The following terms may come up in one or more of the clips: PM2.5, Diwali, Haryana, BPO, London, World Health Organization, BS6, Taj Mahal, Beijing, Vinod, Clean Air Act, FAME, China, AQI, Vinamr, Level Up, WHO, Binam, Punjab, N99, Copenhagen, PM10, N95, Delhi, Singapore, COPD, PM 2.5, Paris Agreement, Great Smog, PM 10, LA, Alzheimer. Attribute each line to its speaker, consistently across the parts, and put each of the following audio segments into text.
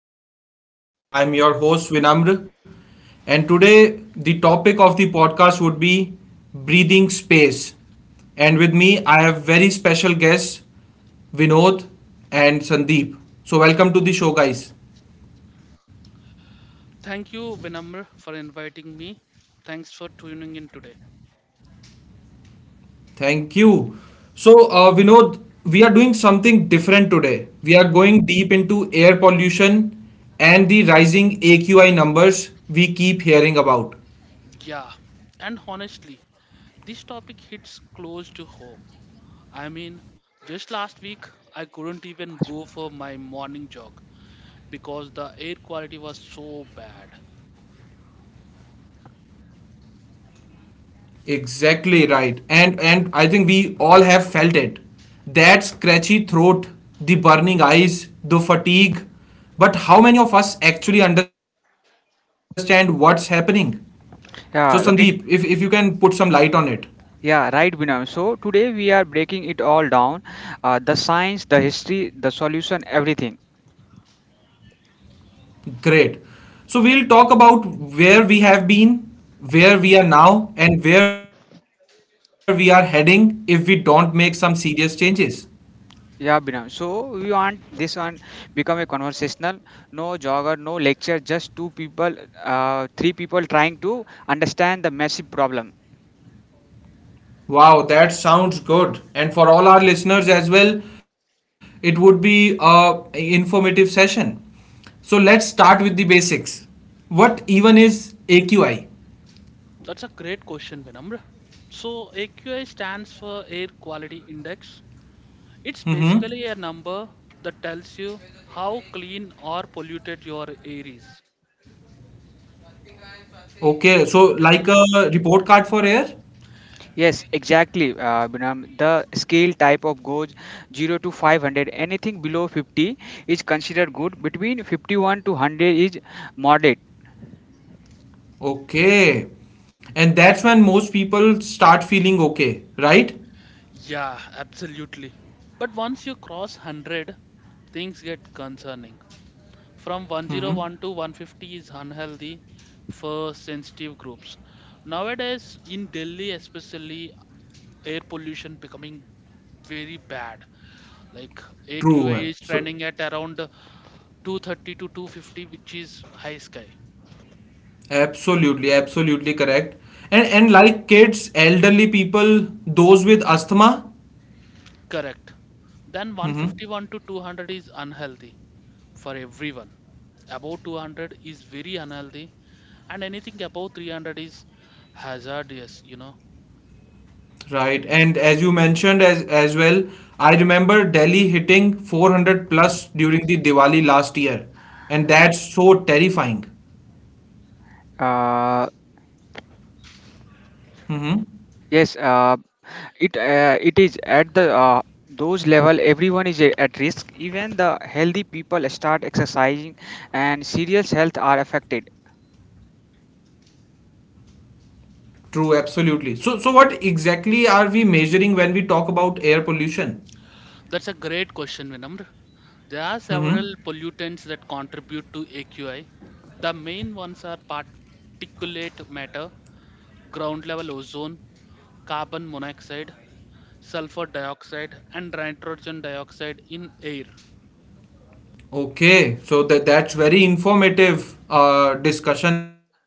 Speaker 1: today's podcast. I'm your host, Vinamr, and today the topic of the podcast would be breathing space. And with me, I have very special guests, Vinod and Sandeep. So, welcome to the show, guys.
Speaker 2: Thank you, Vinamr, for inviting me. Thanks for tuning in today.
Speaker 1: Thank you. So, Vinod, we are doing something different today. We are going deep into air pollution and the rising AQI numbers we keep hearing about.
Speaker 2: Yeah, and honestly, this topic hits close to home. I mean, just last week, I couldn't even go for my morning jog because the air quality was so bad.
Speaker 1: Exactly right. And I think we all have felt it. That scratchy throat, the burning eyes, the fatigue. But how many of us actually understand what's happening? So Sandeep, if you can put some light
Speaker 3: Yeah,
Speaker 1: on
Speaker 3: right.
Speaker 1: it.
Speaker 3: Yeah, right, Binam. So today we are breaking it all down, the science, the history, the solution, everything.
Speaker 1: Great. So we'll talk about where we have been, where we are now, and where we are heading if we don't make some serious changes.
Speaker 3: Yeah, Binam. So we want this one become a conversational, no jogger, no lecture, just three people trying to understand the massive problem.
Speaker 1: Wow, that sounds good. And for all our listeners as well, it would be a informative session. So let's start with the basics. What even is AQI?
Speaker 2: That's a great question, Vinamr. So, AQI stands for Air Quality Index. It's
Speaker 1: Mm-hmm.
Speaker 2: basically a number that tells you how clean or polluted your air is.
Speaker 1: Okay, so like a report card for air?
Speaker 3: Yes, exactly, Binam. The scale type of goes 0 to 500. Anything below 50 is considered good. Between 51 to 100 is moderate.
Speaker 1: Okay. And that's when most people start feeling okay, right?
Speaker 2: Yeah, absolutely. But once you cross 100, things get concerning. From
Speaker 1: Mm-hmm.
Speaker 2: 101 to 150 is unhealthy for sensitive groups. Nowadays, in Delhi especially, air pollution becoming very bad. Like AQI
Speaker 1: True.
Speaker 2: is
Speaker 1: So
Speaker 2: trending at around 230 to 250, which is high sky.
Speaker 1: Absolutely, absolutely correct. And like kids, elderly people, those with asthma.
Speaker 2: Correct. Then
Speaker 1: Mm-hmm.
Speaker 2: 151 to 200 is unhealthy for everyone. Above 200 is very unhealthy, and anything above 300 is hazardous, you know.
Speaker 1: Right. And as you mentioned as well, I remember Delhi hitting 400 plus during the Diwali last year. And that's so terrifying.
Speaker 3: Uh,
Speaker 1: Hmm.
Speaker 3: yes. It is at the those level, everyone is at risk, even the healthy people start exercising and serious health are affected.
Speaker 1: True, absolutely. So what exactly are we measuring when we talk about air pollution?
Speaker 2: That's a great question, Vinamr. There are
Speaker 1: Hmm.
Speaker 2: several pollutants that contribute to AQI. The main ones are particulate matter, ground level ozone, carbon monoxide, sulfur dioxide, and nitrogen dioxide in air.
Speaker 1: Okay, so that's very informative discussion now.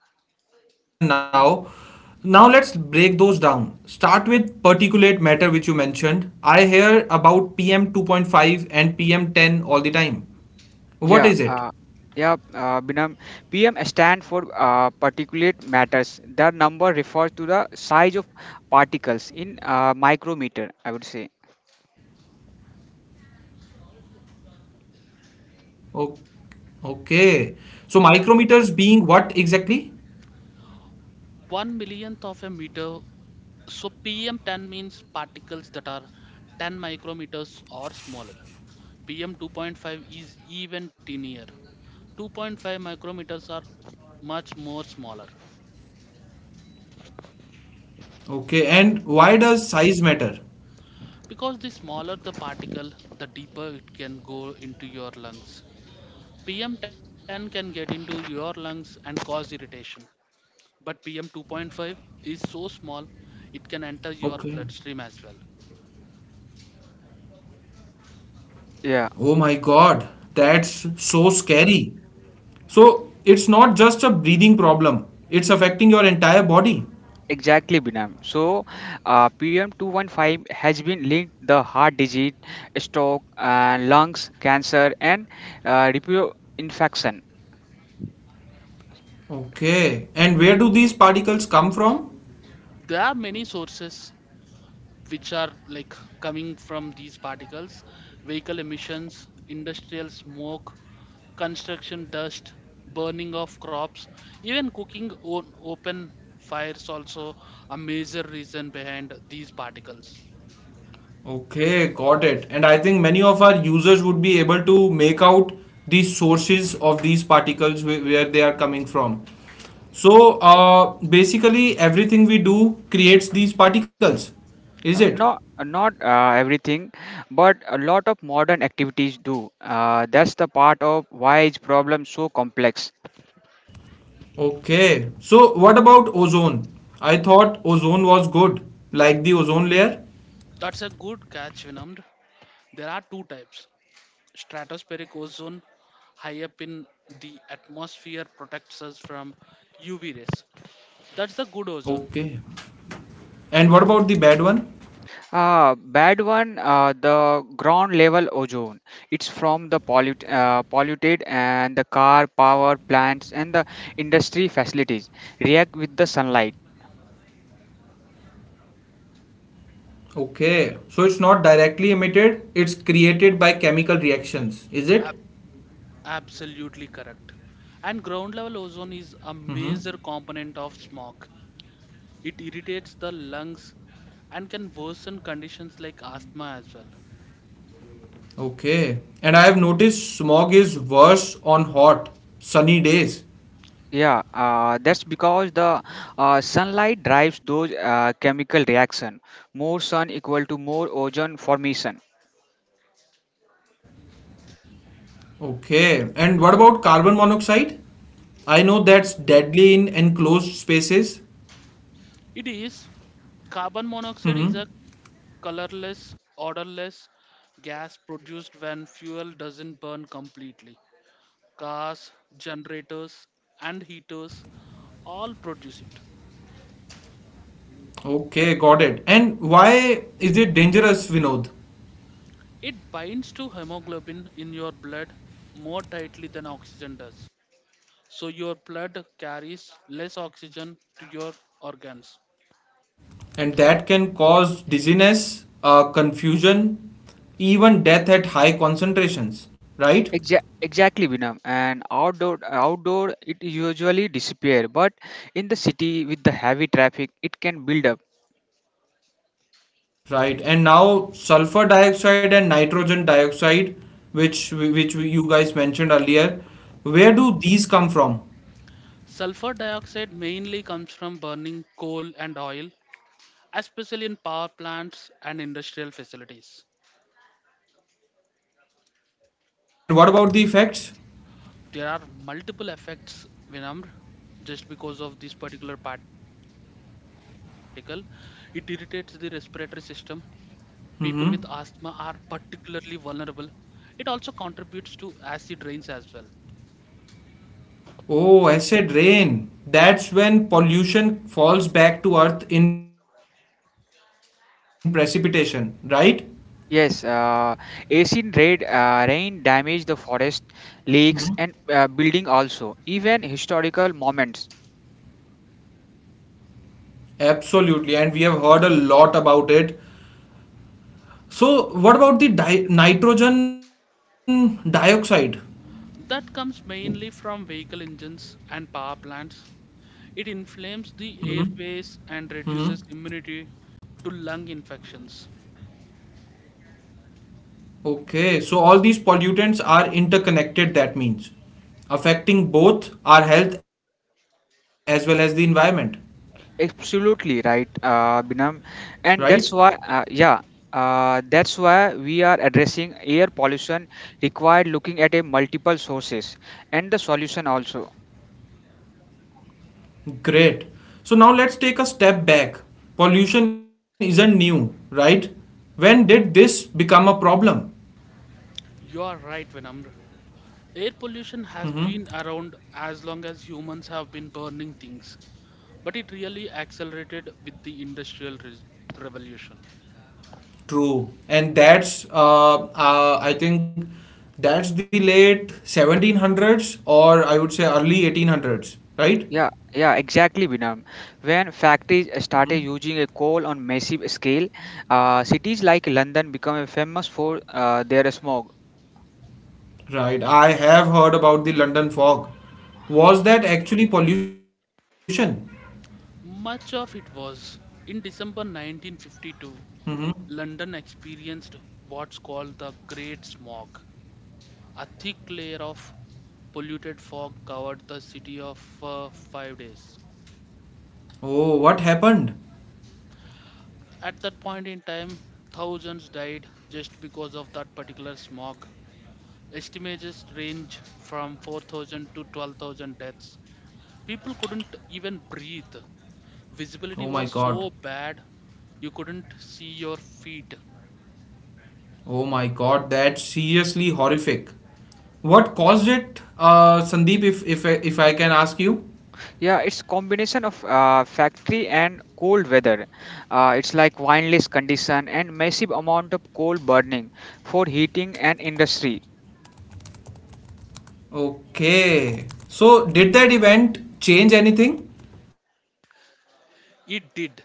Speaker 1: Now let's break those down. Start with particulate matter, which you mentioned. I hear about PM 2.5 and PM 10 all the time. What is it?
Speaker 3: Yeah uh, yeah uh, Binam, pm stand for particulate matters, the number refers to the size of particles in micrometer, I would say.
Speaker 1: O- Okay, so micrometers being what exactly?
Speaker 2: One millionth of a meter. So PM10 means particles that are 10 micrometers or smaller. PM 2.5 is even tinier. 2.5 micrometers are much more smaller.
Speaker 1: Okay, and why does size matter?
Speaker 2: Because the smaller the particle, the deeper it can go into your lungs. PM 10 can get into your lungs and cause irritation. But PM 2.5 is so small,
Speaker 1: Okay.
Speaker 2: it can enter your bloodstream as well.
Speaker 1: Oh my
Speaker 3: Yeah.
Speaker 1: God, that's so scary. So it's not just a breathing problem, it's affecting your entire body.
Speaker 3: Exactly, Binam. So, PM215 has been linked the heart disease, stroke, lungs cancer, and repeat infection.
Speaker 1: Okay, and where do these particles come from?
Speaker 2: There are many sources which are like coming from these particles: vehicle emissions, industrial smoke, construction dust, burning of crops, even cooking on open fires, also a major reason behind these particles.
Speaker 1: Okay, got it. And I think many of our users would be able to make out the sources of these particles where they are coming from. So basically, everything we do creates these particles, is it?
Speaker 3: No, not everything, but a lot of modern activities do. That's the part of why is problem so complex.
Speaker 1: Okay. So what about ozone? I thought ozone was good, like the ozone layer.
Speaker 2: That's a good catch, Vinamr. There are two types. Stratospheric ozone high up in the atmosphere protects us from UV rays. That's the good ozone.
Speaker 1: Okay. And what about the bad one?
Speaker 3: Bad one, the ground level ozone. It's from the polluted and the car, power plants, and the industry facilities react with the sunlight.
Speaker 1: Okay, so it's not directly emitted, it's created by chemical reactions, is it?
Speaker 2: Absolutely correct. And ground level
Speaker 1: Mm-hmm.
Speaker 2: ozone is a major component of smog. It irritates the lungs and can worsen conditions like asthma as well.
Speaker 1: Okay, and I have noticed smog is worse on hot, sunny days.
Speaker 3: Yeah, that's because the sunlight drives those chemical reaction. More sun equal to more ozone formation.
Speaker 1: Okay, and what about carbon monoxide? I know that's deadly in enclosed spaces.
Speaker 2: It is. Carbon monoxide is
Speaker 1: Mm-hmm.
Speaker 2: a colorless, odorless gas produced when fuel doesn't burn completely. Cars, generators, and heaters all produce it.
Speaker 1: Okay, got it. And why is it dangerous, Vinod?
Speaker 2: It binds to hemoglobin in your blood more tightly than oxygen does, so your blood carries less oxygen to your organs.
Speaker 1: And that can cause dizziness, confusion, even death at high concentrations, right?
Speaker 3: Exactly, Vinam. And outdoor it usually disappear, but in the city with the heavy traffic, it can build up.
Speaker 1: Right. And now sulfur dioxide and nitrogen dioxide, which you guys mentioned earlier, where do these come from?
Speaker 2: Sulfur dioxide mainly comes from burning coal and oil, especially in power plants and industrial facilities.
Speaker 1: And what about the effects?
Speaker 2: There are multiple effects, Vinamr, just because of this particular particle. It irritates the respiratory system. People with asthma are
Speaker 1: Mm-hmm.
Speaker 2: particularly vulnerable. It also contributes to acid rains as well.
Speaker 1: Oh, acid rain. That's when pollution falls back to earth in precipitation, right?
Speaker 3: Yes, acid rain, rain
Speaker 1: Mhm.
Speaker 3: damage the forest, lakes, and building also. Even historical moments.
Speaker 1: Absolutely, and we have heard a lot about it. So, what about the di nitrogen dioxide?
Speaker 2: That comes mainly from vehicle engines and power plants. It
Speaker 1: Hmm.
Speaker 2: inflames the
Speaker 1: Hmm.
Speaker 2: airways and reduces immunity to lung infections.
Speaker 1: Okay, so all these pollutants are interconnected, that means affecting both our health as well as the environment,
Speaker 3: Absolutely right,
Speaker 1: right?
Speaker 3: Binam, and that's why we are addressing air pollution required looking at a multiple sources and the solution also.
Speaker 1: Great. So, now let's take a step back. Pollution isn't new, right? When did this become a problem?
Speaker 2: You are right, Vinamr. Air pollution
Speaker 1: Hmm.
Speaker 2: has been around as long as humans have been burning things, but it really accelerated with the Industrial Revolution.
Speaker 1: True, and that's I think that's the late 1700s or I would say early 1800s, right?
Speaker 3: Yeah, yeah, exactly, Binam. When factories started
Speaker 1: Mhm.
Speaker 3: using a coal on massive scale, cities like London become famous for their smog.
Speaker 1: Right. I have heard about the London fog. Was that actually pollution?
Speaker 2: Much of it was. In December 1952,
Speaker 1: Mhm.
Speaker 2: London experienced what's called the Great Smog. A thick layer of polluted fog covered the city of 5 days.
Speaker 1: Oh, what happened?
Speaker 2: At that point in time, thousands died just because of that particular smog. Estimates range from 4,000 to 12,000 deaths. People couldn't even breathe.
Speaker 1: Oh
Speaker 2: Visibility
Speaker 1: my
Speaker 2: was
Speaker 1: God.
Speaker 2: so bad, you couldn't see your feet.
Speaker 1: Oh my God, that's seriously horrific. What caused it, Sandeep, if I can ask you?
Speaker 3: Yeah, it's combination of factory and cold weather. It's like windless condition and massive amount of coal burning for heating and industry.
Speaker 1: Okay. So, did that event change anything?
Speaker 2: It did.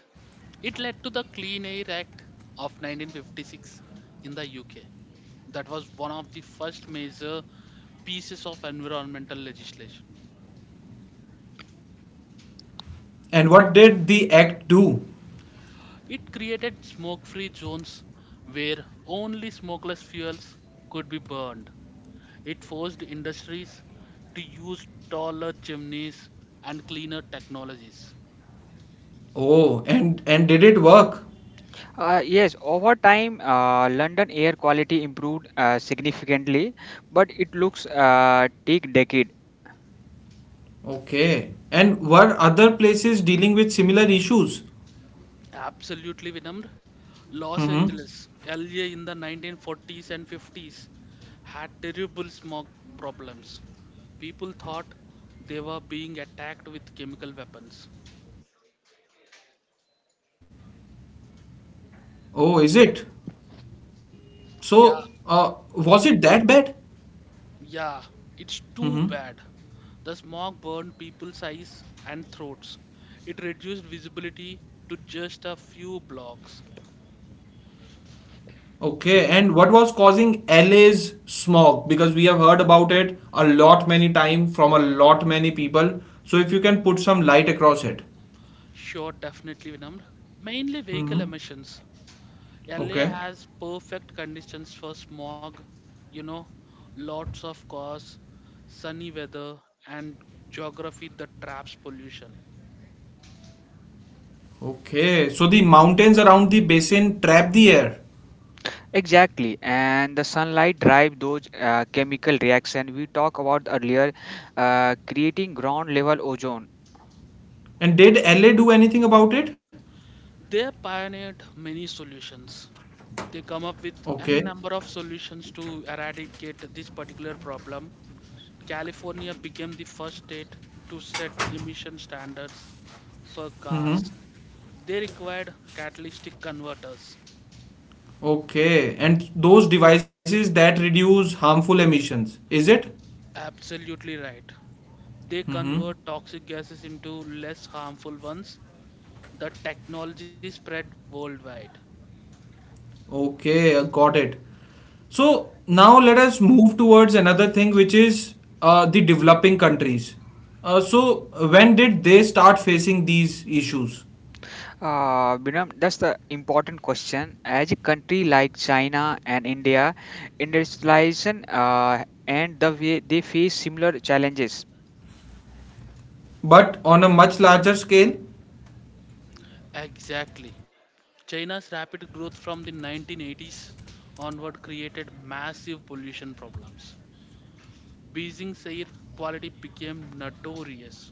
Speaker 2: It led to the Clean Air Act of 1956 in the UK. That was one of the first major pieces of environmental legislation.
Speaker 1: And what did the act do?
Speaker 2: It created smoke free zones where only smokeless fuels could be burned. It forced industries to use taller chimneys and cleaner technologies.
Speaker 1: Oh, and did it work?
Speaker 3: Yes, over time, London air quality improved significantly, but it looks take decade.
Speaker 1: Okay. And were other places dealing with similar issues?
Speaker 2: Absolutely, Vinamr. Los
Speaker 1: Mm-hmm.
Speaker 2: Angeles, LA in the 1940s and 50s had terrible smog problems. People thought they were being attacked with chemical weapons.
Speaker 1: Oh, is it? So, was
Speaker 2: Yeah,
Speaker 1: it that bad?
Speaker 2: yeah,
Speaker 1: Mm-hmm.
Speaker 2: it's too bad. The smog burned people's eyes and throats. It reduced visibility to just a few blocks.
Speaker 1: Okay. And what was causing LA's smog? Because we have heard about it a lot many time from a lot many people. So if you can put some light across it.
Speaker 2: Sure, definitely Vinamr. Mainly vehicle
Speaker 1: Mm-hmm.
Speaker 2: emissions. LA
Speaker 1: Okay.
Speaker 2: has perfect conditions for smog, you know, lots of cars, sunny weather, and geography that traps pollution.
Speaker 1: Okay. So the mountains around the basin trap the air.
Speaker 3: Exactly, and the sunlight drive those chemical reaction we talked about earlier, creating ground level ozone.
Speaker 1: And did LA do anything about it?
Speaker 2: They pioneered many solutions. They come up with a
Speaker 1: Okay.
Speaker 2: number of solutions to eradicate this particular problem. California became the first state to set emission standards for
Speaker 1: Hmm.
Speaker 2: cars. They required catalytic converters.
Speaker 1: Okay. And those devices that reduce harmful emissions, is it?
Speaker 2: Absolutely right. They
Speaker 1: Hmm.
Speaker 2: convert toxic gases into less harmful ones. The technology spread worldwide.
Speaker 1: Okay, got it. So now let us move towards another thing, which is the developing countries. So when did they start facing these issues?
Speaker 3: Binam, that's the important question. As a country like China and India, industrialization and the way they face similar challenges.
Speaker 1: But on a much larger scale,
Speaker 2: Exactly. China's rapid growth from the 1980s onward created massive pollution problems. Beijing's air quality became notorious.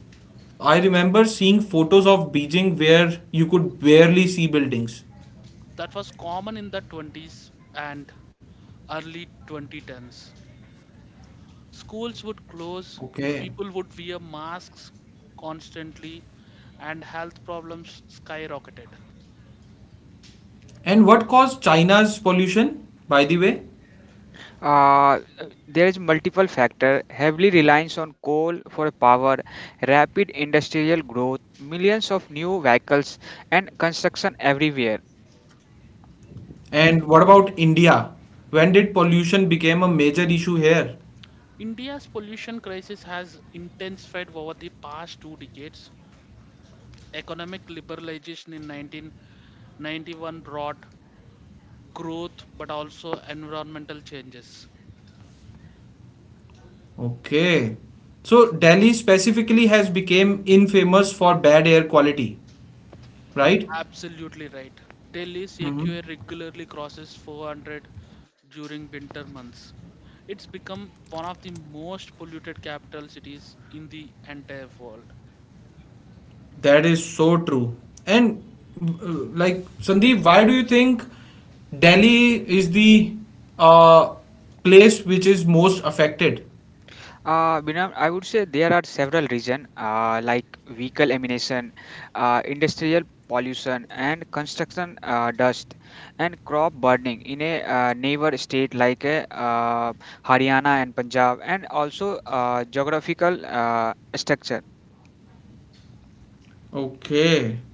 Speaker 1: I remember seeing photos of Beijing where you could barely see buildings.
Speaker 2: That was common in the 20s and early 2010s. Schools would close,
Speaker 1: Okay.
Speaker 2: people would wear masks constantly, and health problems skyrocketed.
Speaker 1: And what caused China's pollution, by the way?
Speaker 3: Uh, there is multiple factor, heavily reliance on coal for power, rapid industrial growth, millions of new vehicles, and construction everywhere.
Speaker 1: And what about India? When did pollution became a major issue here?
Speaker 2: India's pollution crisis has intensified over the past two decades. Economic liberalization in 1991 brought growth but also environmental changes.
Speaker 1: Okay. So Delhi specifically has become infamous for bad air quality, right?
Speaker 2: Absolutely right. Delhi's
Speaker 1: Mm-hmm.
Speaker 2: AQA regularly crosses 400 during winter months. It's become one of the most polluted capital cities in the entire world.
Speaker 1: That is so true. And uh, like Sandeep, why do you think Delhi is the uh, place which is most affected?
Speaker 3: Binam, I would say there are several reasons like vehicle emission, industrial pollution, and construction dust, and crop burning in a neighbor state like Haryana and Punjab, and also geographical structure.
Speaker 1: Okay.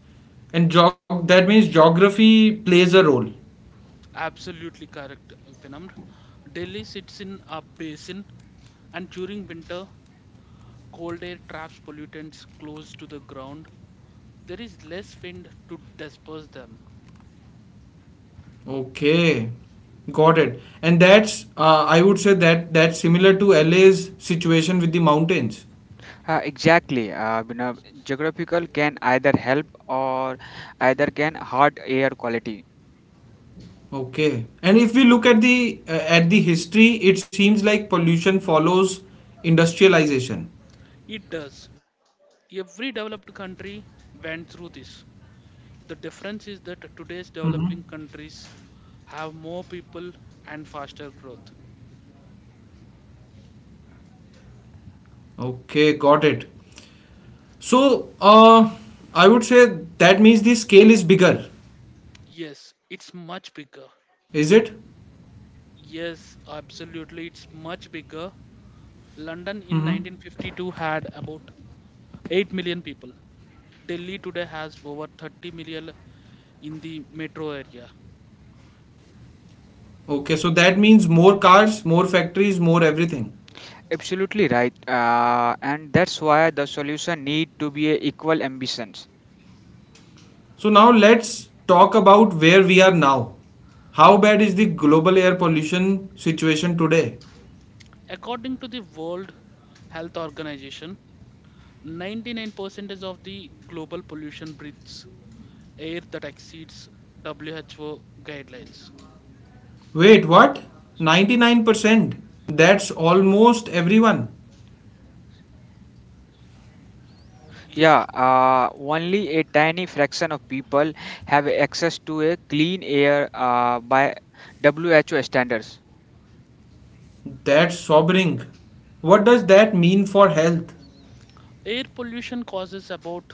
Speaker 1: And geog that means geography plays a role.
Speaker 2: Absolutely correct, Vinamr. Delhi sits in a basin, and during winter, cold air traps pollutants close to the ground. There is less wind to disperse them.
Speaker 1: Okay. Got it. And that's I would say that's similar to LA's situation with the mountains.
Speaker 3: Exactly, Binam, geographical can either help or either can hurt air quality.
Speaker 1: Okay. And if we look at the history, it seems like pollution follows industrialization.
Speaker 2: It does. Every developed country went through this. The difference
Speaker 1: Hmm.
Speaker 2: is that today's developing countries have more people and faster growth.
Speaker 1: Okay, got it. So, I would say that means the scale is bigger, is it?
Speaker 2: Yes, it's much bigger. Yes, absolutely, it's much
Speaker 1: Mm-hmm.
Speaker 2: bigger. London in 1952 had about 8 million people. Delhi today has over 30 million in the metro area.
Speaker 1: Okay, so that means more cars, more factories, more everything.
Speaker 3: Absolutely right, and that's why the solution need to be a equal ambition.
Speaker 1: So now let's talk about where we are now. How bad is the global air pollution situation today?
Speaker 2: According to the World Health Organization, 99% of the global pollution breathes air that exceeds WHO guidelines.
Speaker 1: Wait, what? 99%? That's almost everyone.
Speaker 2: Yeah,
Speaker 3: Yeah, only a tiny fraction of people have access to a clean air by WHO standards.
Speaker 1: That's sobering. What does that mean for health?
Speaker 2: air pollution causes about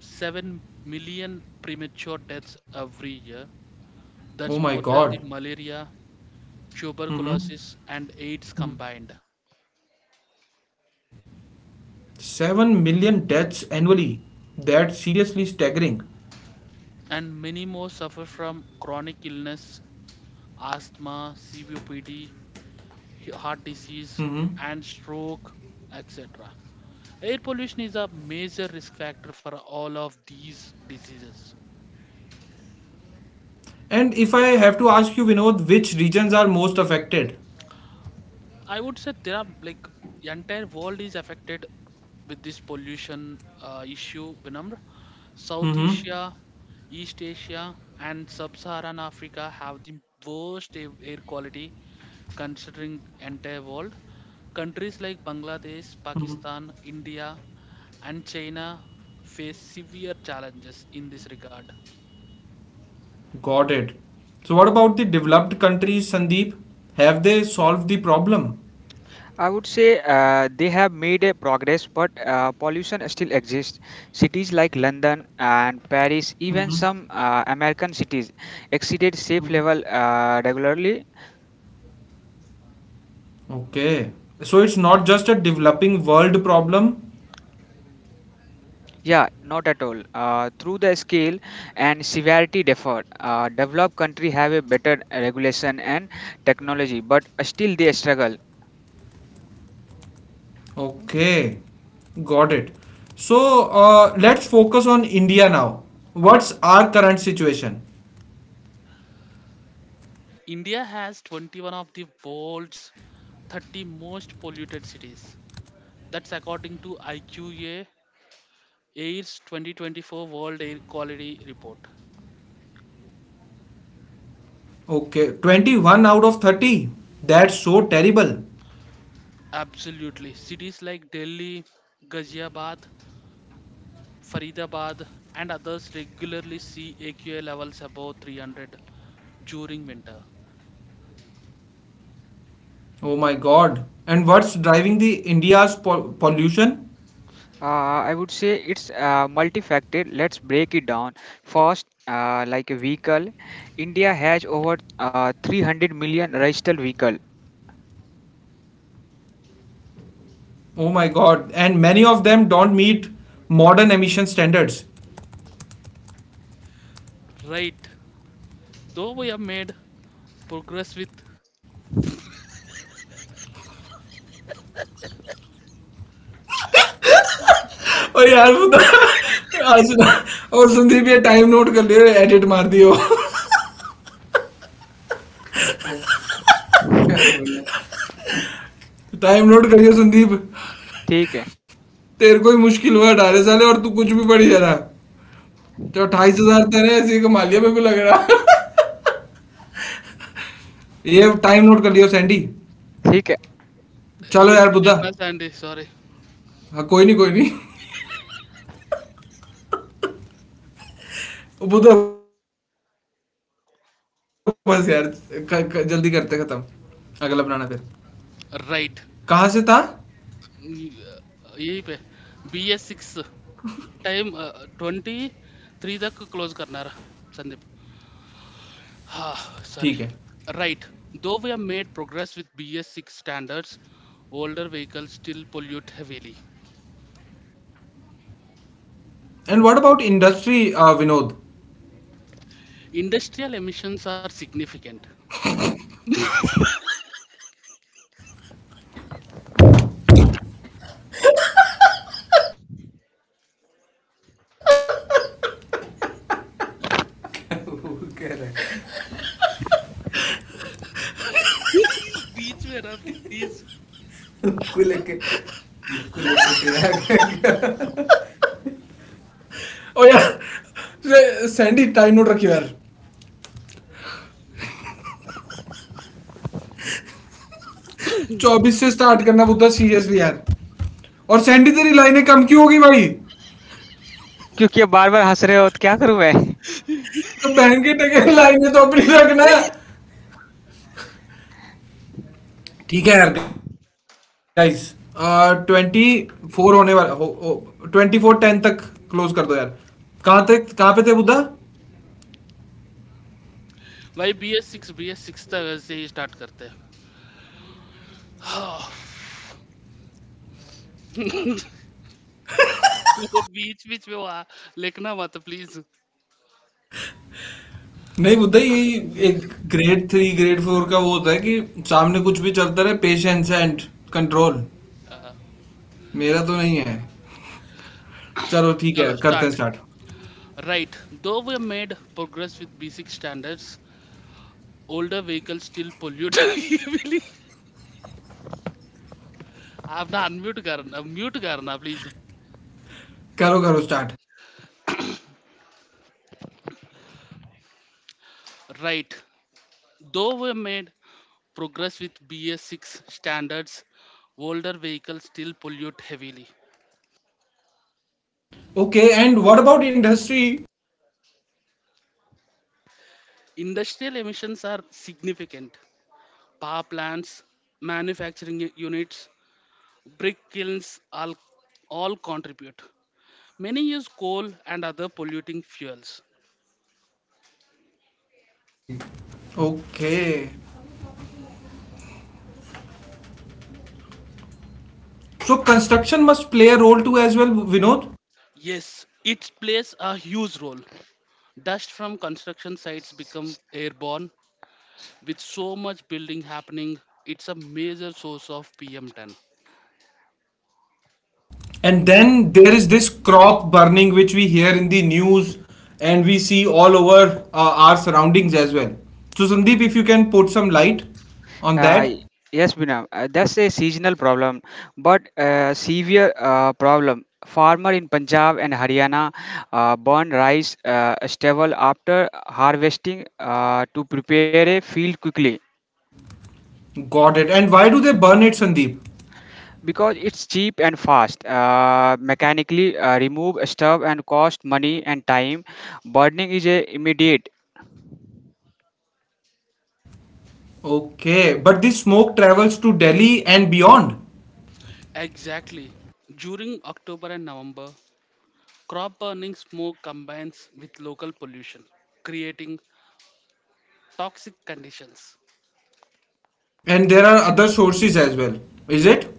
Speaker 2: 7 million premature deaths every year.
Speaker 1: Oh
Speaker 2: That's
Speaker 1: my
Speaker 2: more than
Speaker 1: god.
Speaker 2: the malaria,
Speaker 1: Mhm.
Speaker 2: tuberculosis, and AIDS combined.
Speaker 1: 7 million deaths annually. That's seriously staggering.
Speaker 2: And many more suffer from chronic illness, asthma, COPD, heart disease,
Speaker 1: Mhm.
Speaker 2: and stroke, etc. Air pollution is a major risk factor for all of these diseases.
Speaker 1: And if I have to ask you, Vinod, which regions are most affected?
Speaker 2: I would say there are like the entire world is affected with this pollution issue. Vinamr, South
Speaker 1: Mm-hmm.
Speaker 2: Asia, East Asia, and Sub-Saharan Africa have the worst air quality considering entire world. Countries like Bangladesh, Pakistan, India, and China face severe challenges in this regard.
Speaker 1: Got it. So, what about the developed countries, Sandeep? Have they solved the problem?
Speaker 3: I would say they have made a progress, but pollution still exists. Cities like London and Paris, even some American cities, exceeded safe level regularly.
Speaker 1: Okay. So, it's not just a developing world problem?
Speaker 3: Yeah, not at all. Through the scale and severity differ. Developed country have a better regulation and technology, but still they struggle.
Speaker 1: Okay. Got it. So, let's focus on India now. What's our current situation?
Speaker 2: India has 21 of the world's 30 most polluted cities. That's according to IQA AIR's 2024 World Air Quality Report.
Speaker 1: Okay. 21 out of 30. That's so terrible.
Speaker 2: Absolutely. Cities like Delhi, Ghaziabad, Faridabad, and others regularly see AQA levels above 300 during winter.
Speaker 1: Oh my god. And what's driving the India's pollution?
Speaker 3: I would say it's multifaceted. Let's break it down. First, like a vehicle, India has over three hundred million registered vehicle
Speaker 1: Oh my god. And many of them don't meet modern emission standards.
Speaker 2: Right. Though we have made progress with.
Speaker 1: ओ यार बता आज ना और संदीप ये time note कर लियो edit मार दियो टाइम नोट करियो संदीप
Speaker 3: ठीक है
Speaker 1: तेरे को ही मुश्किल हुआ अठारह साले और तू कुछ भी पढ़ी जा रहा तो अट्ठाईस हजार तेरे ऐसे ही कमा लिया मेरे को लग रहा ये टाइम नोट कर लियो सैंडी
Speaker 3: ठीक है
Speaker 1: चलो यार
Speaker 2: Edit
Speaker 1: बुद्धा
Speaker 2: करना Sandy, sorry.
Speaker 1: हाँ कोई नहीं वो तो बस यार क, क, जल्दी करते हैं खत्म अगला बनाना फिर कहाँ से था
Speaker 2: Right. अ, यही पे B S six time twenty three तक क्लोज करणार संदीप. Ah, sorry.
Speaker 1: ठीक है
Speaker 2: Right. Though we have made progress with BS6 standards, older vehicles still pollute heavily.
Speaker 1: And what about industry Vinod
Speaker 2: Industrial emissions are significant. बीच में ना please
Speaker 1: ओ यार Sandy time note रखियो यार चौबीस से स्टार्ट करना बुद्धा सीरियसली यार और सैंडी तेरी लाइनें कम क्यों होगी भाई
Speaker 3: क्योंकि आप बार बार हंस रहे हो तो क्या करूँ मैं
Speaker 1: तो बहन के टके लाइनें तो अपनी रखना ठीक है यार गाइस ट्वेंटी फोर होने वाला हो ट्वेंटी फोर टेन तक क्लोज कर दो यार कहाँ तक कहाँ पे थे बुद्धा
Speaker 2: भाई बी एस सिक्स तक से ही स्टार्ट करते हैं हाँ, वो बीच बीच में वहाँ लिखना मत प्लीज
Speaker 1: नहीं मुद्दा यही एक ग्रेड थ्री ग्रेड फोर का वो होता है कि सामने कुछ भी चलता रहे पेशेंस एंड कंट्रोल मेरा तो नहीं है चलो ठीक है यार
Speaker 2: चलो
Speaker 1: करते हैं
Speaker 2: start
Speaker 1: start
Speaker 2: right though we made progress with B six standards older vehicle still pollute आप ना अनम्यूट करना म्यूट करना प्लीज.
Speaker 1: करो करो start
Speaker 2: right Though we made progress with BS6 standards, older vehicles still pollute heavily.
Speaker 1: Okay and what about industry
Speaker 2: Industrial emissions are significant. Power plants, manufacturing units, brick kilns all contribute. Many use coal and other polluting fuels.
Speaker 1: Okay so construction must play a role too as well Vinod
Speaker 2: Yes, it plays a huge role. Dust from construction sites become airborne. With so much building happening, it's a major source of PM10.
Speaker 1: And then there is this crop burning which we hear in the news and we see all over our surroundings as well so Sandeep if you can put some light on that.
Speaker 3: Yes बिना that's a seasonal problem but severe problem farmer in Punjab and Haryana burn rice stubble after harvesting to prepare a field quickly.
Speaker 1: Got it. And why do they burn it, Sandeep?
Speaker 3: Because it's cheap and fast, mechanically remove stuff and cost money and time. Burning is a immediate.
Speaker 1: Okay, but this smoke travels to Delhi and beyond,
Speaker 2: Exactly. During October and November, crop burning smoke combines with local pollution, creating toxic conditions.
Speaker 1: and there are other sources as well, is it?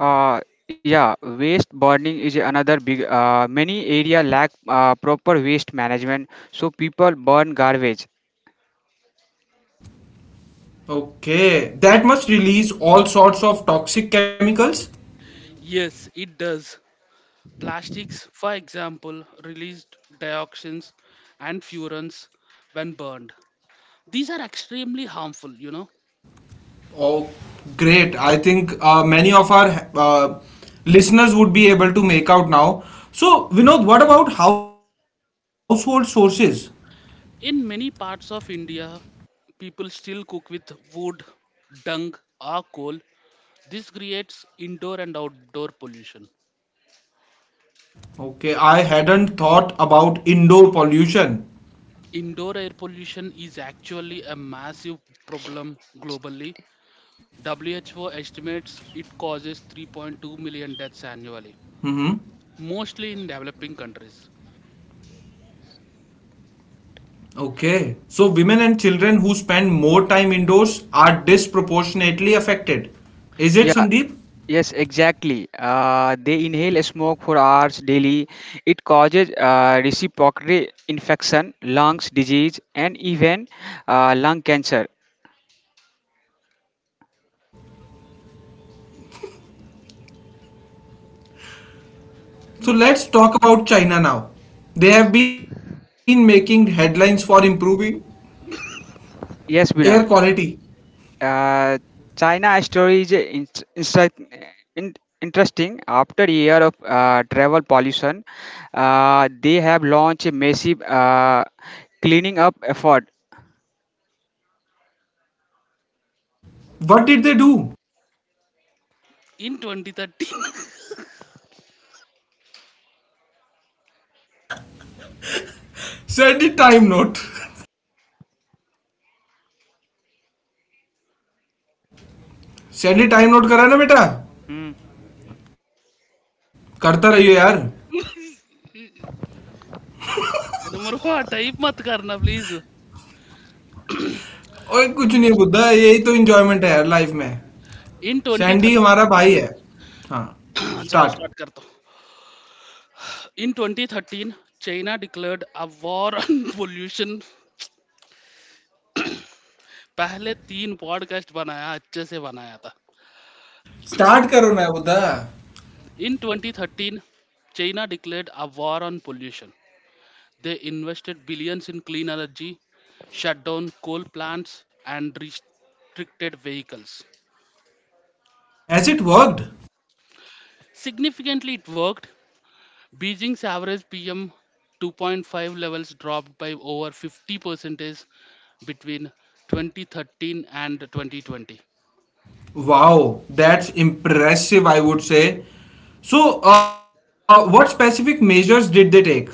Speaker 3: uh, yeah, waste burning is another big, many area lack proper waste management, so people burn garbage.
Speaker 1: Okay, that must release all sorts of toxic chemicals.
Speaker 2: Yes, it does. Plastics, for example, released dioxins and furans when burned. These are extremely harmful, you know.
Speaker 1: Oh, great. I think many of our listeners would be able to make out now. So, Vinod, what about household sources?
Speaker 2: In many parts of India, people still cook with wood, dung, or coal. This creates indoor and outdoor pollution.
Speaker 1: Okay, I hadn't thought about indoor pollution.
Speaker 2: Indoor air pollution is actually a massive problem globally. WHO estimates it causes
Speaker 1: Mm-hmm.
Speaker 2: 3.2 million deaths annually, mostly in developing countries.
Speaker 1: Okay. So women and children who spend more time indoors are disproportionately affected. Is it
Speaker 3: Yeah,
Speaker 1: Sandeep?
Speaker 3: yes, exactly, they inhale smoke for hours daily. It causes respiratory infection, lungs disease, and even lung cancer.
Speaker 1: So let's talk about China now. They have been making headlines for improving air
Speaker 3: Yes, Binam.
Speaker 1: quality.
Speaker 3: Uh, China story is instru- in, interesting. After a year of travel pollution, they have launched a massive cleaning up effort.
Speaker 1: What did they do?
Speaker 2: In 2013,
Speaker 1: Send it time note. Send it time note करा ना बेटा
Speaker 3: Mm.
Speaker 1: करता रहियो यार
Speaker 2: number हुआ type मत करना please
Speaker 1: ओए कुछ नहीं है बुद्धा यही तो इंजॉयमेंट है यार लाइफ में
Speaker 2: इन
Speaker 1: सैंडी
Speaker 2: 2013
Speaker 1: हमारा भाई है हाँ
Speaker 2: चलो
Speaker 1: स्टार्ट
Speaker 2: स्टार्ट करता हूँ in 2013 China declared a war on pollution पहले तीन पॉडकास्ट बनाया अच्छे से बनाया था
Speaker 1: स्टार्ट करो ना Buddha
Speaker 2: in 2013 China declared a war on pollution. They invested billions in clean energy, shut down coal plants, and restricted vehicles.
Speaker 1: Has it worked.
Speaker 2: Significantly, it worked. Beijing's average PM 2.5 levels dropped by over 50% between 2013 and 2020.
Speaker 1: Wow, that's impressive, I would say. So, what specific measures did they take?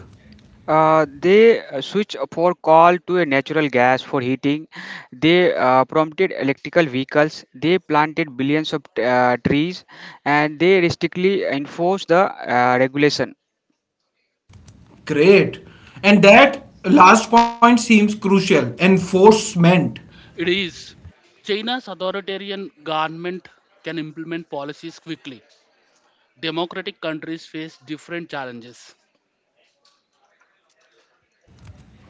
Speaker 3: They switch for coal to a natural gas for heating. They prompted electrical vehicles. They planted billions of trees, and they strictly enforce the regulation.
Speaker 1: Great. And that last point seems crucial enforcement.
Speaker 2: It is. China's authoritarian government can implement policies quickly. Democratic countries face different challenges.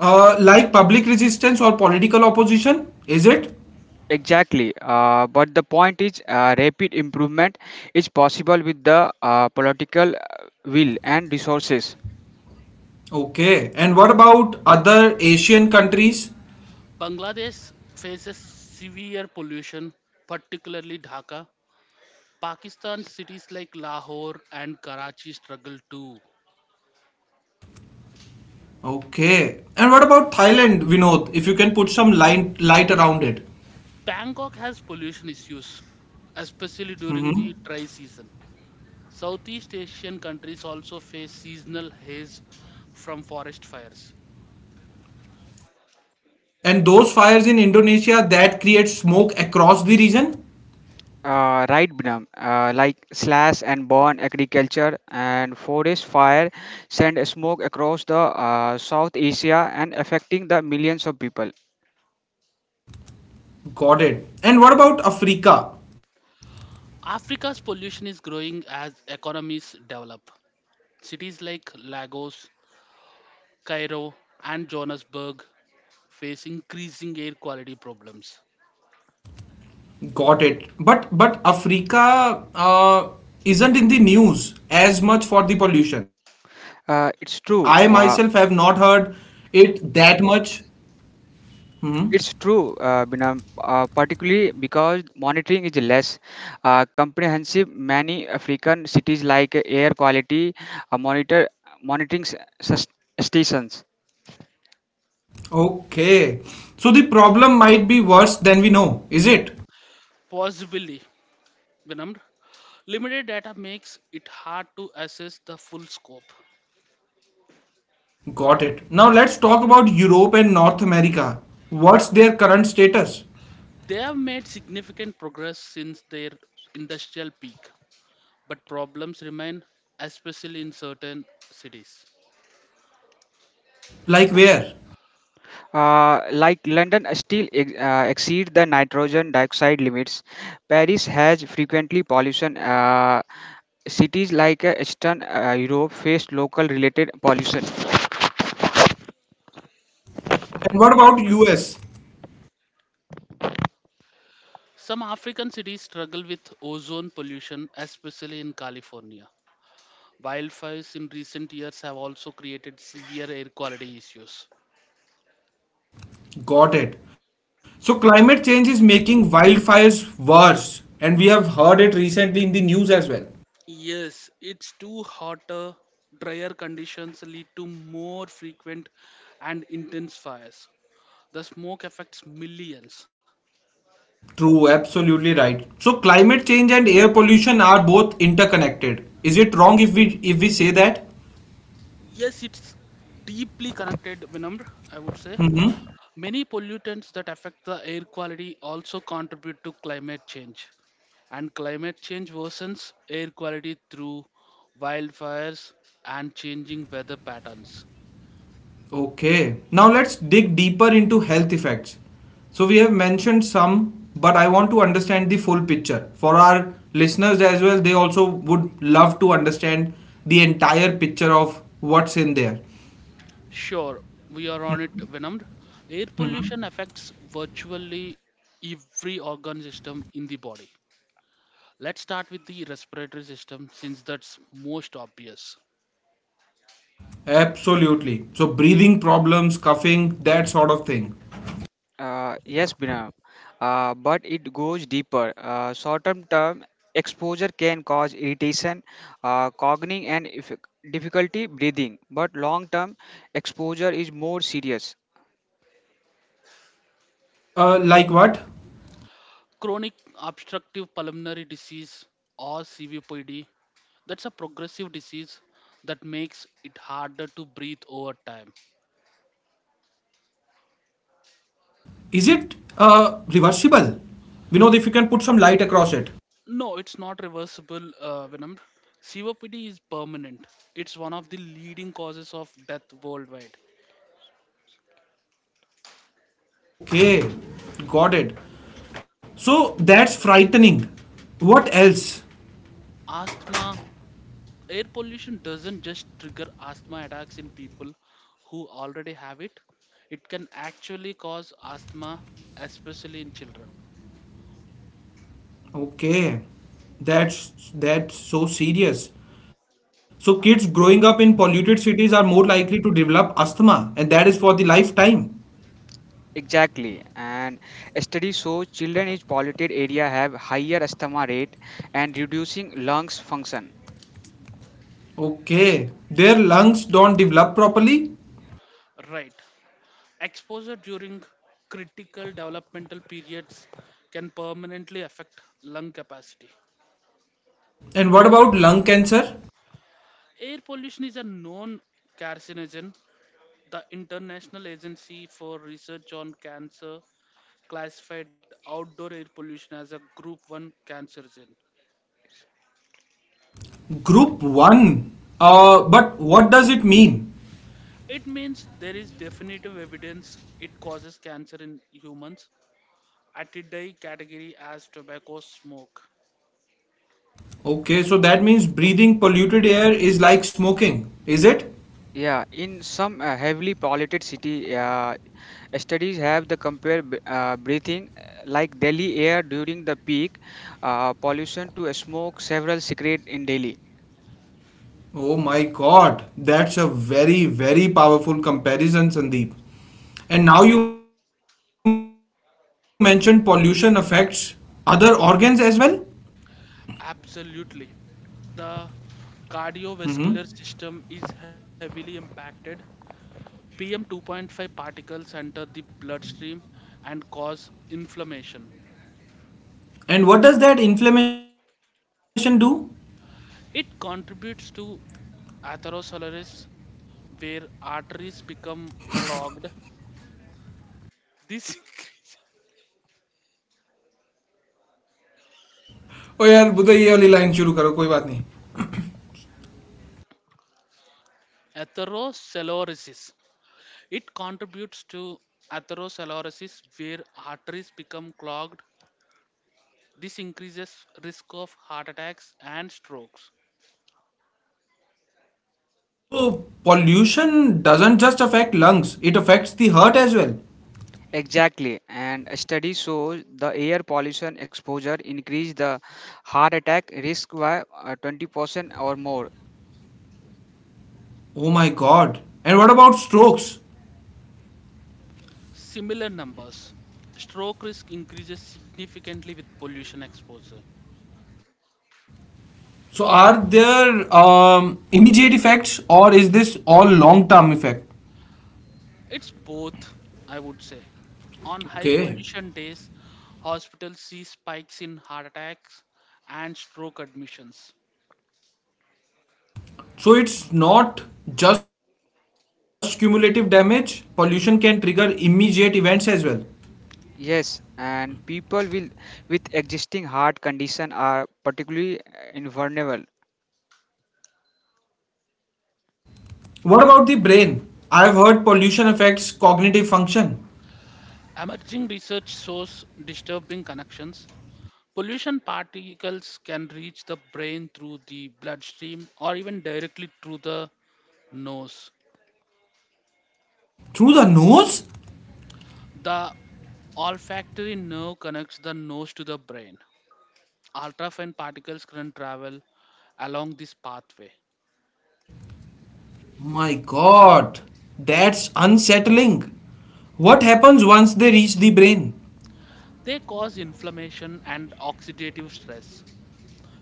Speaker 1: Like public resistance or political opposition, is it?
Speaker 3: Exactly. But the point is, rapid improvement is possible with the political will and resources.
Speaker 1: Okay. And what about other Asian countries?
Speaker 2: Bangladesh faces severe pollution, particularly Dhaka. Pakistan cities like Lahore and Karachi struggle too.
Speaker 1: Okay. And what about Thailand, Vinod? If you can put some light around it.
Speaker 2: Bangkok has pollution issues, especially during the
Speaker 1: Hmm.
Speaker 2: dry season. Southeast Asian countries also face seasonal haze from forest fires.
Speaker 1: And those fires in Indonesia that create smoke across the region?
Speaker 3: Right, Binam? Like slash and burn agriculture and forest fire send smoke across the South Asia and affecting the millions of people.
Speaker 1: Got it. And what about Africa?
Speaker 2: Africa's pollution is growing as economies develop. Cities like Lagos, Cairo, and Johannesburg face increasing air quality problems.
Speaker 1: Got it. But Africa isn't in the news as much for the pollution. I myself have
Speaker 3: It's
Speaker 1: not
Speaker 3: true.
Speaker 1: heard it that much.
Speaker 3: It's true, Binam, particularly because monitoring is less comprehensive. Many African cities like air quality uh, monitor monitoring s- stations.
Speaker 1: Okay. So the problem might be worse than we know, is it?
Speaker 2: Possibly, Vinamr, limited data makes it hard to assess the full scope.
Speaker 1: Got it. Now let's talk about Europe and North America. What's their current status?
Speaker 2: They have made significant progress since their industrial peak, but problems remain, especially in certain cities.
Speaker 1: Like where?
Speaker 3: Like London still exceed the nitrogen dioxide limits. Paris has frequently pollution. Cities like Eastern Europe face local related pollution.
Speaker 1: And what about US?
Speaker 2: Some African cities struggle with ozone pollution, especially in California. Wildfires in recent years have also created severe air quality issues.
Speaker 1: Got it. So climate change is making wildfires worse, and we have heard it recently in the news as well.
Speaker 2: Yes, it's too hotter, drier conditions lead to more frequent and intense fires. The smoke affects millions.
Speaker 1: True, absolutely right. So climate change and air pollution are both interconnected. Is it wrong if we say that?
Speaker 2: Yes, it's deeply connected, Vinamr, I would say. Many pollutants that affect the air quality also contribute to climate change. And climate change worsens air quality through wildfires and changing weather patterns.
Speaker 1: Okay. Now let's dig deeper into health effects. So we have mentioned some, but I want to understand the full picture. For our listeners as well, they also would love to understand the entire picture of what's in there.
Speaker 2: Sure, we are on it, Vinamr. Air pollution affects virtually every organ system in the body. Let's start with the respiratory system since that's most obvious.
Speaker 1: Absolutely. So breathing problems, coughing, that sort of thing.
Speaker 3: Yes, Bina, but it goes deeper. Short-term term exposure can cause irritation, cognition, and if difficulty breathing. But long-term exposure is more serious.
Speaker 1: Like what?
Speaker 2: Chronic obstructive pulmonary disease or COPD, that's a progressive disease that makes it harder to breathe over time.
Speaker 1: Is it reversible? We know if you can put some light across it.
Speaker 2: No, it's not reversible, Venom. COPD is permanent. It's one of the leading causes of death worldwide.
Speaker 1: Okay, got it. So that's frightening. What else?
Speaker 2: Asthma, air pollution doesn't just trigger asthma attacks in people who already have it. It can actually cause asthma, especially in children.
Speaker 1: Okay, that's so serious. So kids growing up in polluted cities are more likely to develop asthma, and that is for the lifetime.
Speaker 3: Exactly, and studies show children in polluted area have higher asthma rate and reducing lungs function.
Speaker 1: Okay, their lungs don't develop properly.
Speaker 2: Right. Exposure during critical developmental periods can permanently affect lung capacity.
Speaker 1: And what about lung cancer?
Speaker 2: Air pollution is a known carcinogen. The International Agency for Research on Cancer classified outdoor air pollution as a group 1 carcinogen.
Speaker 1: Group 1. But what does it mean?
Speaker 2: It means there is definitive evidence it causes cancer in humans, at its category as tobacco smoke.
Speaker 1: Okay, so that means breathing polluted air is like smoking, is it?
Speaker 3: Yeah, in some heavily polluted city, studies have the compare breathing like Delhi air during the peak pollution to smoke several cigarette in Delhi.
Speaker 1: Oh my god, that's a very, very powerful comparison, Sandeep. And now you mentioned pollution affects other organs as well?
Speaker 2: Absolutely. The
Speaker 1: Mm-hmm.
Speaker 2: cardiovascular system is heavily impacted. PM 2.5 particles enter the bloodstream and cause inflammation.
Speaker 1: And what does that inflammation do?
Speaker 2: It contributes to atherosclerosis, where arteries become clogged. This
Speaker 1: ओ यार बुधा ये वाली line शुरू करो कोई बात नहीं.
Speaker 2: atherosclerosis. It contributes to atherosclerosis, where arteries become clogged. This increases risk of heart attacks and strokes.
Speaker 1: Pollution doesn't just affect lungs; it affects the heart as well.
Speaker 3: Exactly, and studies show the air pollution exposure increase the heart attack risk by 20% or more.
Speaker 1: Oh my god. And what about strokes?
Speaker 2: Similar numbers. Stroke risk increases significantly with pollution exposure.
Speaker 1: So are there immediate effects, or is this all long term effect?
Speaker 2: It's both, I would say. On high
Speaker 1: Okay.
Speaker 2: pollution days, hospitals see spikes in heart attacks and stroke admissions.
Speaker 1: So it's not just cumulative damage. Pollution can trigger immediate events as well.
Speaker 3: Yes, and people will with existing heart condition are particularly invulnerable.
Speaker 1: What about the brain? I've heard pollution affects cognitive function.
Speaker 2: Emerging research shows disturbing connections. Pollution particles can reach the brain through the bloodstream or even directly through the nose.
Speaker 1: Through the nose?
Speaker 2: The olfactory nerve connects the nose to the brain. Ultrafine particles can travel along this pathway.
Speaker 1: My god. That's unsettling. What happens once they reach the brain?
Speaker 2: They cause inflammation and oxidative stress.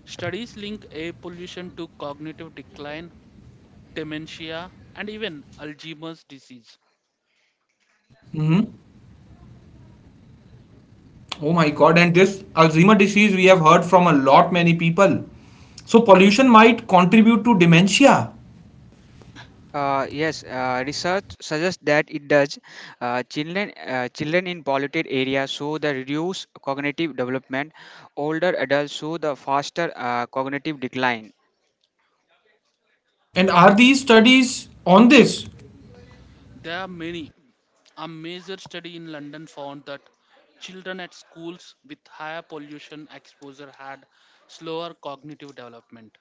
Speaker 2: Studies link air pollution to cognitive decline, dementia, and even
Speaker 1: Hmm.
Speaker 2: Alzheimer's disease.
Speaker 1: Oh my god, and this Alzheimer disease we have heard from a lot many people. So pollution might contribute to dementia.
Speaker 3: Yes, research suggests that it does. Children in polluted areas show the reduced cognitive development. Older adults show the faster cognitive decline.
Speaker 1: And are these studies on this?
Speaker 2: There are many. A major study in London found that children at schools with higher pollution exposure had slower cognitive development.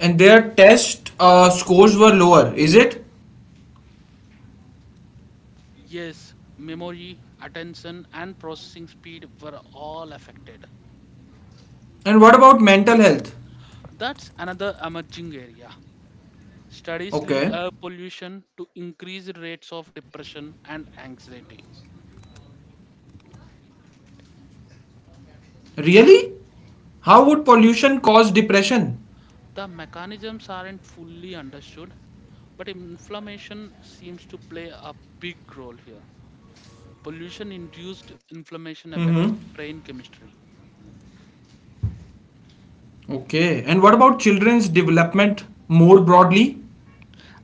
Speaker 1: And their test scores were lower, is it?
Speaker 2: Yes, memory, attention, and processing speed were all affected.
Speaker 1: And what about mental health?
Speaker 2: That's another emerging area. Studies link
Speaker 1: Okay.
Speaker 2: air pollution to increased rates of depression and anxiety.
Speaker 1: Really? How would pollution cause depression?
Speaker 2: The mechanisms aren't fully understood, but inflammation seems to play a big role here. Pollution induced
Speaker 1: Mm-hmm.
Speaker 2: inflammation affects brain chemistry.
Speaker 1: Okay. And what about children's development more broadly?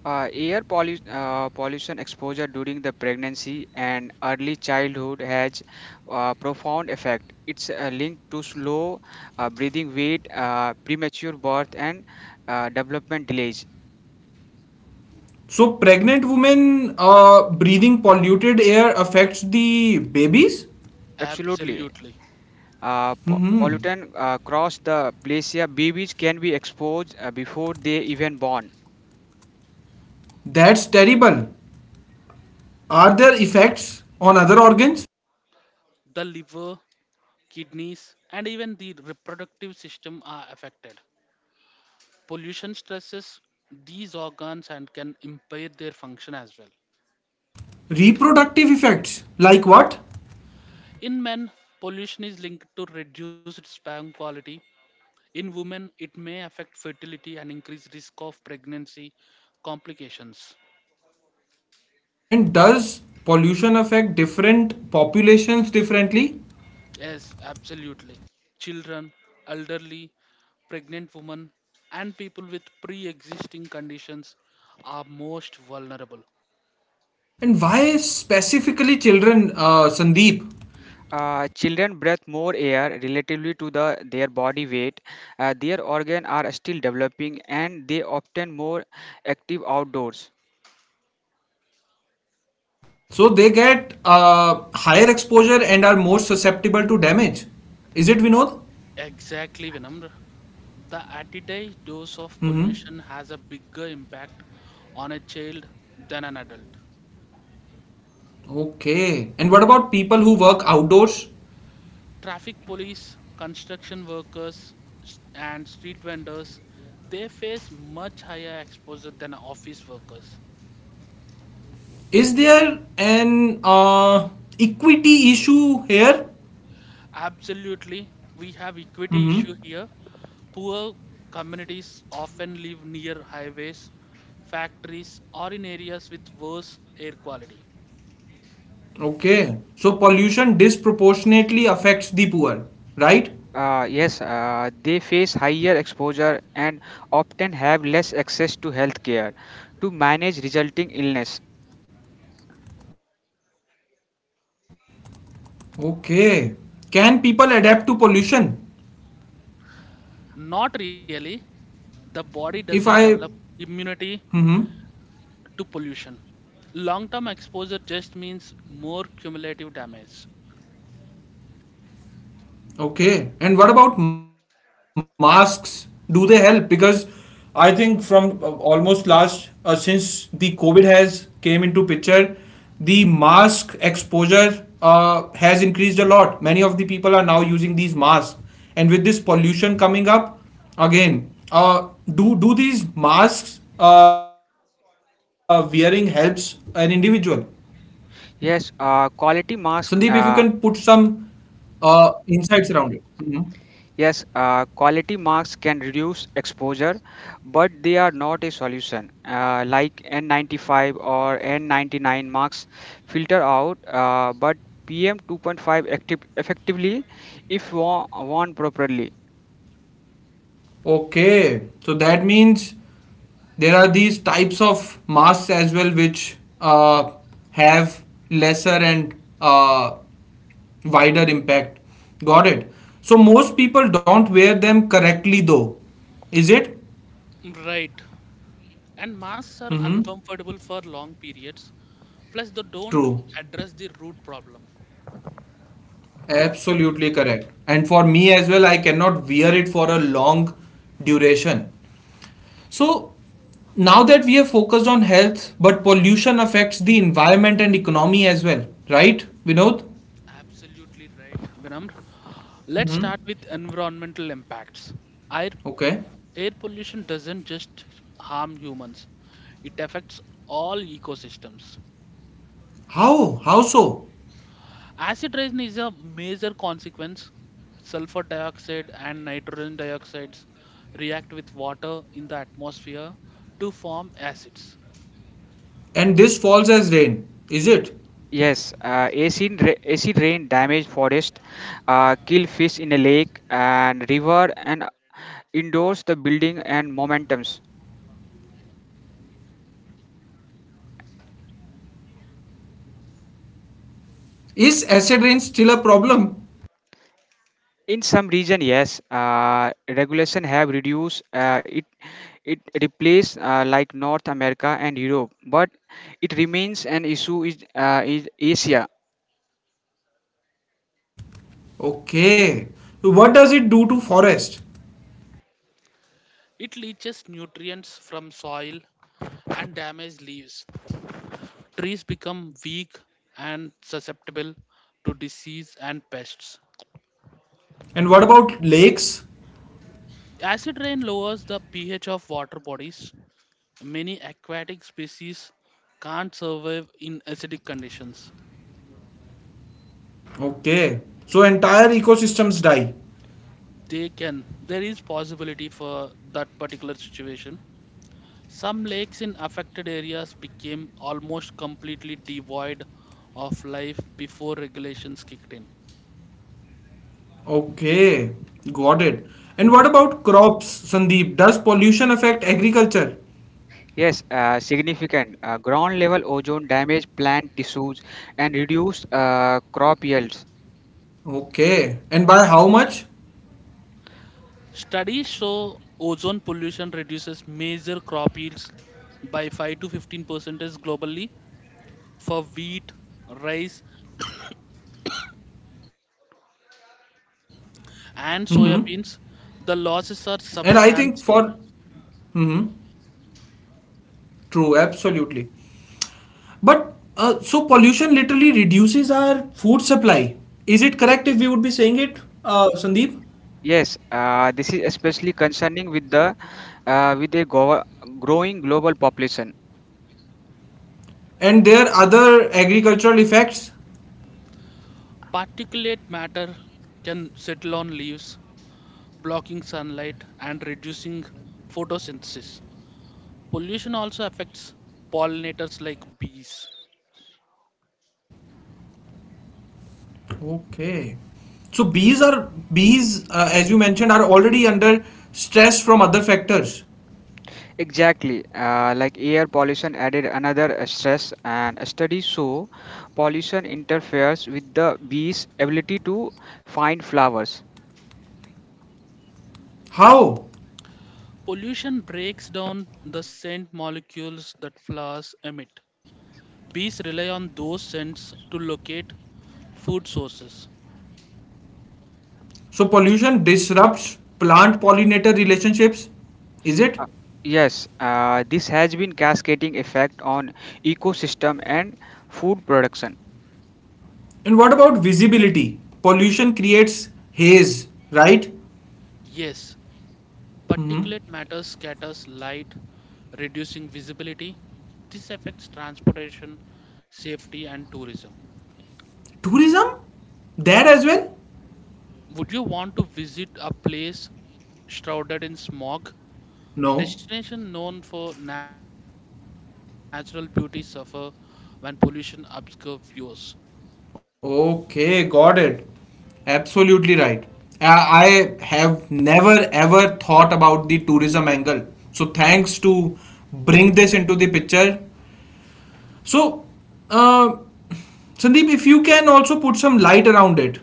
Speaker 3: Air pollution exposure during the pregnancy and early childhood has profound effect. It's linked to slow breathing, weight, premature birth, and development delays.
Speaker 1: So, pregnant women breathing polluted air affects the babies?
Speaker 3: Absolutely.
Speaker 2: Absolutely.
Speaker 1: Hmm.
Speaker 3: Pollutant cross the glacier, babies can be exposed before they even born.
Speaker 1: That's terrible. Are there effects on other organs?
Speaker 2: The liver, kidneys, and even the reproductive system are affected. Pollution stresses these organs and can impair their function as well.
Speaker 1: Reproductive effects? Like what?
Speaker 2: In men, pollution is linked to reduced sperm quality. In women, it may affect fertility and increase risk of pregnancy complications.
Speaker 1: And does pollution affect different populations differently?
Speaker 2: Yes, absolutely. Children, elderly, pregnant women, and people with pre existing conditions are most vulnerable.
Speaker 1: And why specifically children, Sandeep?
Speaker 3: Children breathe more air relatively to their body weight. Their organs are still developing and they often more active outdoors.
Speaker 1: So they get higher exposure and are more susceptible to damage. Is it Vinod?
Speaker 2: Exactly, Vinamr. The everyday dose of
Speaker 1: Mm-hmm.
Speaker 2: pollution has a bigger impact on a child than an adult.
Speaker 1: Okay. And what about people who work outdoors?
Speaker 2: Traffic police, construction workers, and street vendors, they face much higher exposure than office workers.
Speaker 1: Is there an equity issue here?
Speaker 2: Absolutely, we have equity
Speaker 1: Mm-hmm.
Speaker 2: issue here. Poor communities often live near highways, factories, or in areas with worse air quality.
Speaker 1: Okay. So pollution disproportionately affects the poor, right?
Speaker 3: Yes, they face higher exposure and often have less access to health care to manage resulting illness.
Speaker 1: Okay. Can people adapt to pollution?
Speaker 2: Not really. The body
Speaker 1: If
Speaker 2: doesn't develop
Speaker 1: I.
Speaker 2: immunity
Speaker 1: Mm-hmm.
Speaker 2: to pollution. Long term exposure just means more cumulative damage.
Speaker 1: Okay. And what about masks? Do they help? Because I think from almost last since the COVID has came into picture, the mask exposure has increased a lot. Many of the people are now using these masks, and with this pollution coming up, again, do these masks wearing helps an individual?
Speaker 3: Yes,
Speaker 1: Sandeep,
Speaker 3: quality
Speaker 1: if you can
Speaker 3: mask.
Speaker 1: put some insights around it. Mhm.
Speaker 3: Yes, quality marks can reduce exposure, but they are not a solution. Like N95 or N99 marks filter out, but PM 2.5 active effectively if worn properly.
Speaker 1: Okay, so that means there are these types of masks as well which have lesser and uh, wider impact. Got it. So most people don't wear them correctly though, is it?
Speaker 2: Right. And masks are
Speaker 1: Mm-hmm.
Speaker 2: uncomfortable for long periods. Plus, they don't
Speaker 1: True.
Speaker 2: address the root problem.
Speaker 1: Absolutely correct. And for me as well, I cannot wear it for a long duration. So now that we have focused on health, but pollution affects the environment and economy as well, right, Vinod?
Speaker 2: Absolutely right, Vinamr. Let's
Speaker 1: Hmm.
Speaker 2: start with environmental impacts. Air,
Speaker 1: Okay.
Speaker 2: air pollution doesn't just harm humans, it affects all ecosystems.
Speaker 1: How? How so?
Speaker 2: Acid rain is a major consequence. Sulfur dioxide and nitrogen dioxides react with water in the atmosphere to form acids.
Speaker 1: And this falls as rain, is it?
Speaker 3: Yes, acid, acid rain damage forest, kill fish in a lake and river, and endorse the building and momentums.
Speaker 1: Is acid rain still a problem?
Speaker 3: In some region, yes, regulation have reduced it. Replaced like North America and Europe, but it remains an issue is Asia.
Speaker 1: Okay. So what does it do to forest?
Speaker 2: It leaches nutrients from soil and damages leaves. Trees become weak and susceptible to disease and pests.
Speaker 1: And what about lakes?
Speaker 2: Acid rain lowers the pH of water bodies. Many aquatic species can't survive in acidic conditions.
Speaker 1: Okay. So entire ecosystems die.
Speaker 2: They can. There is possibility for that particular situation. Some lakes in affected areas became almost completely devoid of life before regulations kicked in.
Speaker 1: Okay. Got it. And what about crops, Sandeep? Does pollution affect agriculture?
Speaker 3: Yes, significant ground level ozone damage plant tissues and reduced crop yields.
Speaker 1: Okay. And by how much?
Speaker 2: Studies show ozone pollution reduces major crop yields by 5 to 15% globally for wheat, rice,
Speaker 1: Mm-hmm.
Speaker 2: and soybeans.
Speaker 1: And I
Speaker 2: The
Speaker 1: think
Speaker 2: losses
Speaker 1: for
Speaker 2: are substantial.
Speaker 1: mm-hmm. True, absolutely. But so pollution literally reduces our food supply. Is it correct if we would be saying it, Sandeep?
Speaker 3: Yes, this is especially concerning with the with a growing global population.
Speaker 1: And there are other agricultural effects.
Speaker 2: Particulate matter can settle on leaves, blocking sunlight and reducing photosynthesis. Pollution also affects pollinators like bees.
Speaker 1: Okay. So bees, as you mentioned, are already under stress from other factors.
Speaker 3: Exactly, like air pollution added another stress, and studies show pollution interferes with the bees' ability to find flowers.
Speaker 1: How?
Speaker 2: Pollution breaks down the scent molecules that flowers emit. Bees rely on those scents to locate food sources.
Speaker 1: So pollution disrupts plant pollinator relationships, is it?
Speaker 3: Uh, yes, this has been cascading effect on ecosystem and food production.
Speaker 1: And what about visibility? Pollution creates haze, right?
Speaker 2: Yes,
Speaker 1: Hmm.
Speaker 2: particulate matter scatters light, reducing visibility. This affects transportation, safety, and tourism.
Speaker 1: Tourism? There as well?
Speaker 2: Would you want to visit a place shrouded in smog?
Speaker 1: No.
Speaker 2: Destination known for natural beauty suffer when pollution obscures views.
Speaker 1: Okay, got it. Absolutely right. I have never ever thought about the tourism angle. So thanks to bring this into the picture. So, uh, Sandeep, if you can also put some light around it.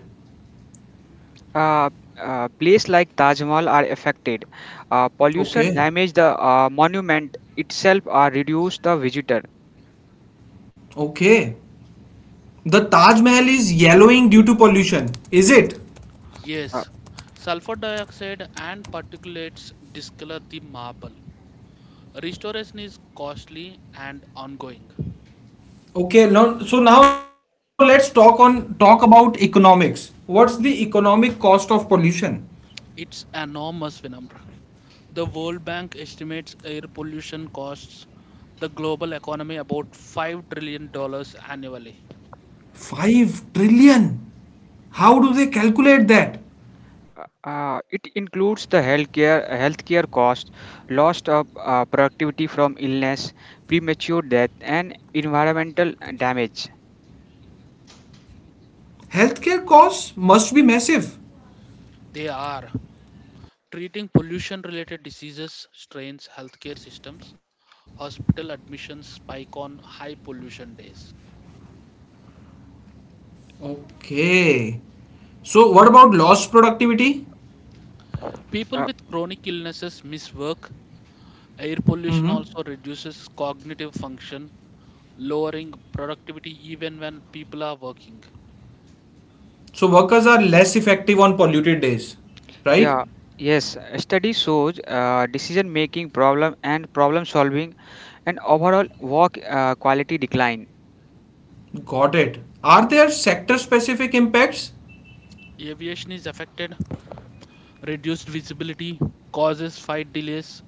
Speaker 3: Uh, Places like Taj Mahal are affected. Pollution
Speaker 1: Okay.
Speaker 3: damage the monument itself or reduce the visitor.
Speaker 1: Okay. The Taj Mahal is yellowing due to pollution. Is it?
Speaker 3: Uh,
Speaker 2: Yes, sulfur dioxide and particulates discolor the marble. Restoration is costly and ongoing.
Speaker 1: Okay, now so now let's talk about economics. What's the economic cost of pollution?
Speaker 2: It's enormous, Vinamra. The World Bank estimates air pollution costs the global economy about $5 trillion annually.
Speaker 1: 5 trillion. How do they calculate that?
Speaker 3: It includes the healthcare cost, loss of productivity from illness, premature death, and environmental damage.
Speaker 1: Healthcare costs must be massive.
Speaker 2: They are treating pollution related diseases, strains healthcare systems, hospital admissions spike on high pollution days.
Speaker 1: Okay. So what about lost productivity?
Speaker 2: People
Speaker 3: Uh,
Speaker 2: with chronic illnesses miss work. Air pollution also
Speaker 1: Hmm.
Speaker 2: reduces cognitive function, lowering productivity even when people are working.
Speaker 1: So workers are less effective on polluted days, right?
Speaker 3: yeah, yes. Study shows decision making problem and problem solving, and overall work quality decline.
Speaker 1: Got it. Are there sector specific impacts?
Speaker 2: Aviation is affected, reduced visibility causes flight delays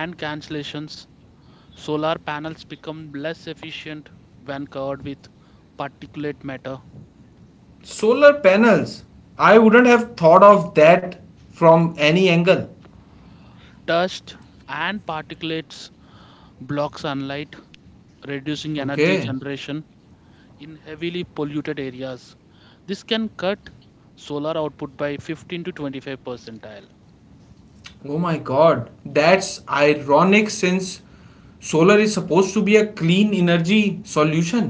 Speaker 2: and cancellations. Solar panels become less efficient when covered with particulate matter.
Speaker 1: Solar panels, I wouldn't have thought of that from any angle.
Speaker 2: Dust and particulates block sunlight, reducing energy
Speaker 1: Okay.
Speaker 2: generation in heavily polluted areas. This can cut solar output by 15 to 25 percentile.
Speaker 1: Oh my god, that's ironic since solar is supposed to be a clean energy solution.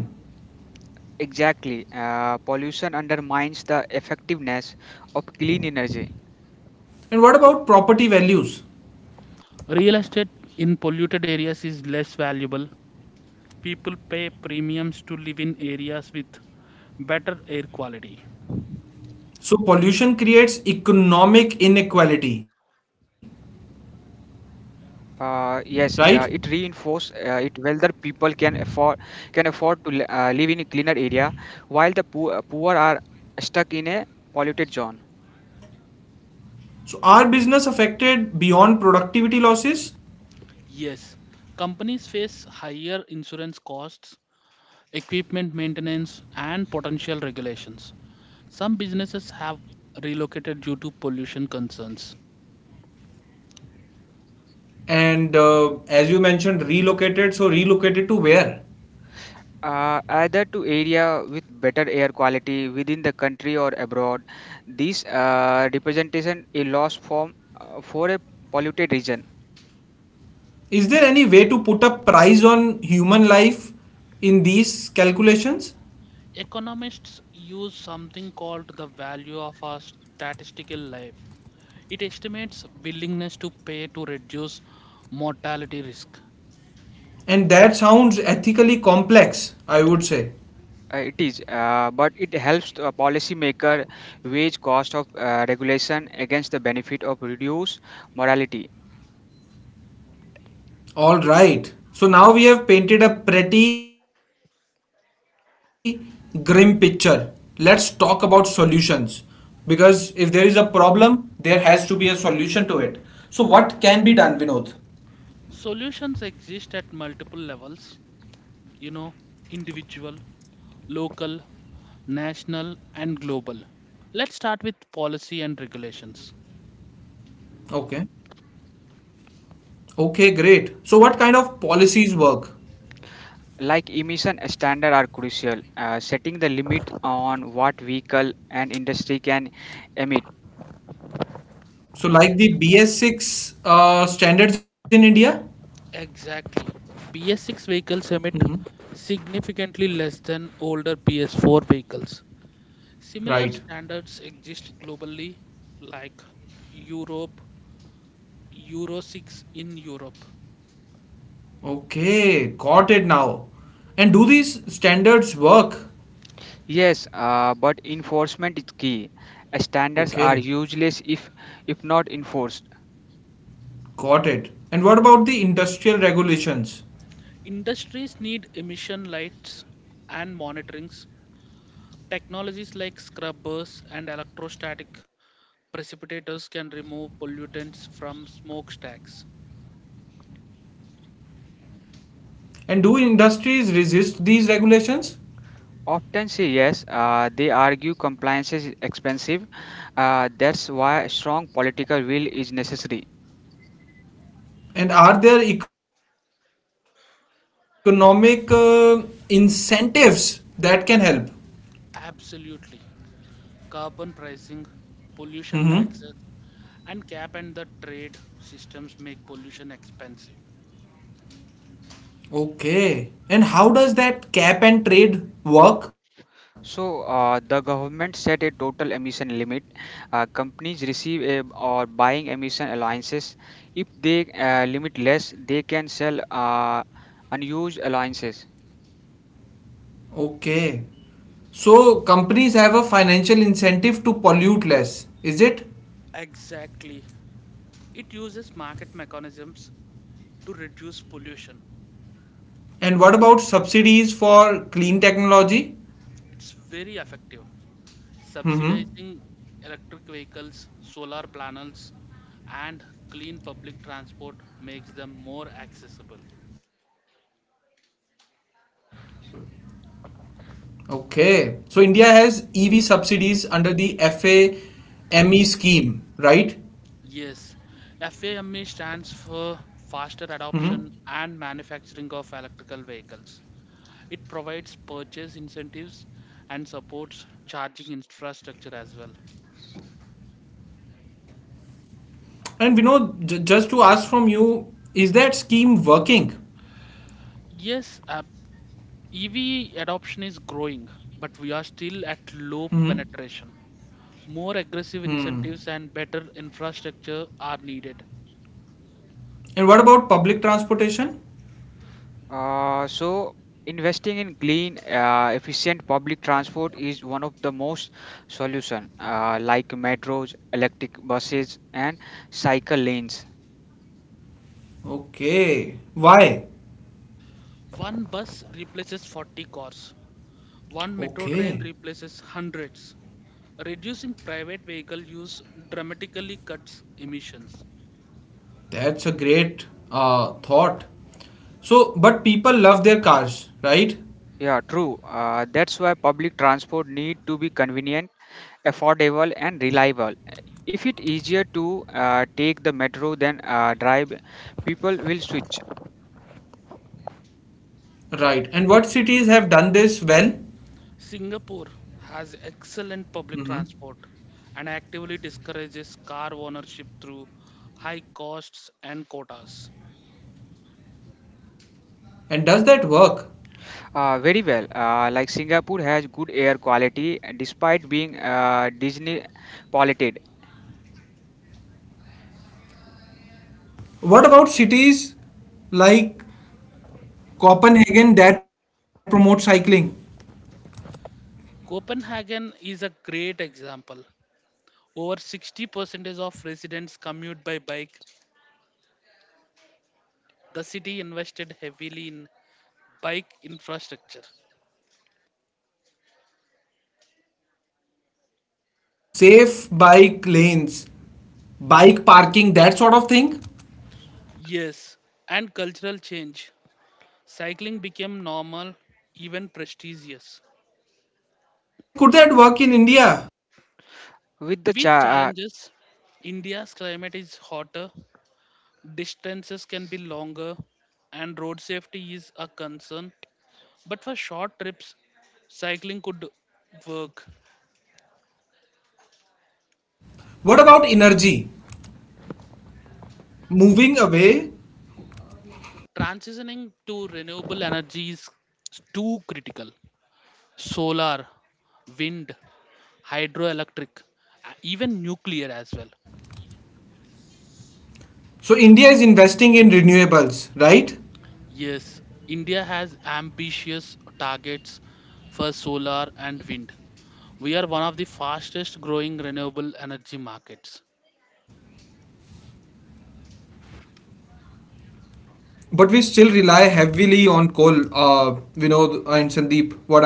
Speaker 3: Exactly. Pollution undermines the effectiveness of clean energy.
Speaker 1: And what about property values?
Speaker 2: Real estate in polluted areas is less valuable. People pay premiums to live in areas with better air quality.
Speaker 1: So pollution creates economic inequality,
Speaker 3: Yes, it
Speaker 1: right?
Speaker 3: reinforces it whether people can afford to live in a cleaner area, while the poor are stuck in a polluted zone.
Speaker 1: So are business affected beyond productivity losses?
Speaker 2: Yes, companies face higher insurance costs, equipment maintenance, and potential regulations. Some businesses have relocated due to pollution concerns.
Speaker 1: And as you mentioned relocated, so relocated to where?
Speaker 3: Either to area with better air quality within the country or abroad, this representation a loss form for a polluted region.
Speaker 1: Is there any way to put a price on human life in these calculations?
Speaker 2: Economists use something called the value of a statistical life. It estimates willingness to pay to reduce mortality risk.
Speaker 1: And that sounds ethically complex, I would say.
Speaker 3: It is, but it helps to a policymaker weigh cost of regulation against the benefit of reduced morality.
Speaker 1: All right. So now we have painted a pretty grim picture. Let's talk about solutions. Because if there is a problem, there has to be a solution to it. So, what can be done, Vinod?
Speaker 2: Solutions exist at multiple levels. You know, individual, local, national, and global. Let's start with policy and regulations.
Speaker 1: Okay. Okay, great. So, what kind of policies work?
Speaker 3: Like emission standards are crucial, setting the limit on what vehicle and industry can emit.
Speaker 1: So, like the BS6 standards in India?
Speaker 2: Exactly. BS6 vehicles
Speaker 1: Mhm.
Speaker 2: emit significantly less than older BS4 vehicles. Similar
Speaker 1: Right.
Speaker 2: standards exist globally, like Europe, Euro 6 in Europe.
Speaker 1: Okay, got it now. And do these standards work?
Speaker 3: Yes, but enforcement is key. Standards are
Speaker 1: Okay,
Speaker 3: useless if not enforced.
Speaker 1: got it. And what about the industrial regulations?
Speaker 2: Industries need emission lights and monitorings. Technologies like scrubbers and electrostatic Precipitators can remove pollutants from smokestacks.
Speaker 1: And do industries resist these regulations?
Speaker 3: Often say yes, they argue compliance is expensive. That's why strong political will is necessary.
Speaker 1: And are there economic incentives that can help?
Speaker 2: Absolutely. Carbon pricing,
Speaker 1: Mm-hmm.
Speaker 2: pollution taxes, and cap and the trade systems make pollution expensive.
Speaker 1: Okay. And how does that cap and trade work?
Speaker 3: So, the government set a total emission limit. Companies receive a, or buying emission allowances. If they limit less, they can sell unused allowances.
Speaker 1: Okay. So companies have a financial incentive to pollute less, is it?
Speaker 2: Exactly. It uses market mechanisms to reduce pollution.
Speaker 1: And what about subsidies for clean technology?
Speaker 2: It's very effective.
Speaker 1: Mm-hmm.
Speaker 2: Subsidizing electric vehicles, solar panels, and clean public transport makes them more accessible.
Speaker 1: Okay. So India has EV subsidies under the FAME scheme, right?
Speaker 2: Yes, FAME stands for
Speaker 1: Mm-hmm.
Speaker 2: Faster Adoption and Manufacturing of Electrical Vehicles. It provides purchase incentives and supports charging infrastructure as well.
Speaker 1: And we know, just to ask from you, is that scheme working?
Speaker 2: Yes, EV adoption is growing, but we are still at
Speaker 1: Mm-hmm.
Speaker 2: low penetration. More aggressive
Speaker 1: Hmm.
Speaker 2: incentives and better infrastructure are needed.
Speaker 1: And what about public transportation?
Speaker 3: Uh, so, Investing in clean, efficient public transport is one of the most solution, like metros, electric buses, and cycle lanes.
Speaker 1: Okay. Why?
Speaker 2: One bus replaces 40 cars, one metro train
Speaker 1: Okay.
Speaker 2: replaces hundreds. Reducing private vehicle use dramatically cuts emissions.
Speaker 1: That's a great thought. So, but people love their cars, right?
Speaker 3: Yeah, true. That's why public transport need to be convenient, affordable, and reliable. If it easier to take the metro than drive, people will switch.
Speaker 1: Right. And what cities have done this well?
Speaker 2: Singapore has excellent public
Speaker 1: Hmm.
Speaker 2: transport and actively discourages car ownership through high costs and quotas.
Speaker 1: And does that work?
Speaker 3: Very well. Like Singapore has good air quality despite being Disney polluted.
Speaker 1: What about cities like Copenhagen that promote cycling?
Speaker 2: Copenhagen is a great example. Over 60% of residents commute by bike. The city invested heavily in bike infrastructure.
Speaker 1: Safe bike lanes, bike parking, that sort of thing?
Speaker 2: Yes, and cultural change. Cycling became normal, even prestigious.
Speaker 1: And could that work in India?
Speaker 3: With the
Speaker 2: With
Speaker 3: cha- uh,
Speaker 2: challenges, India's climate is hotter, distances can be longer, and road safety is a concern. But for short trips, cycling could work.
Speaker 1: What about energy? Moving away.
Speaker 2: Transitioning to renewable energy is too critical. Solar, wind, hydroelectric, even nuclear as well.
Speaker 1: So, India is investing in renewables, right?
Speaker 2: Yes, India has ambitious targets for solar and wind. We are one of the fastest growing renewable energy markets.
Speaker 1: But we still rely heavily on coal, Vinod and Sandeep, what I can see.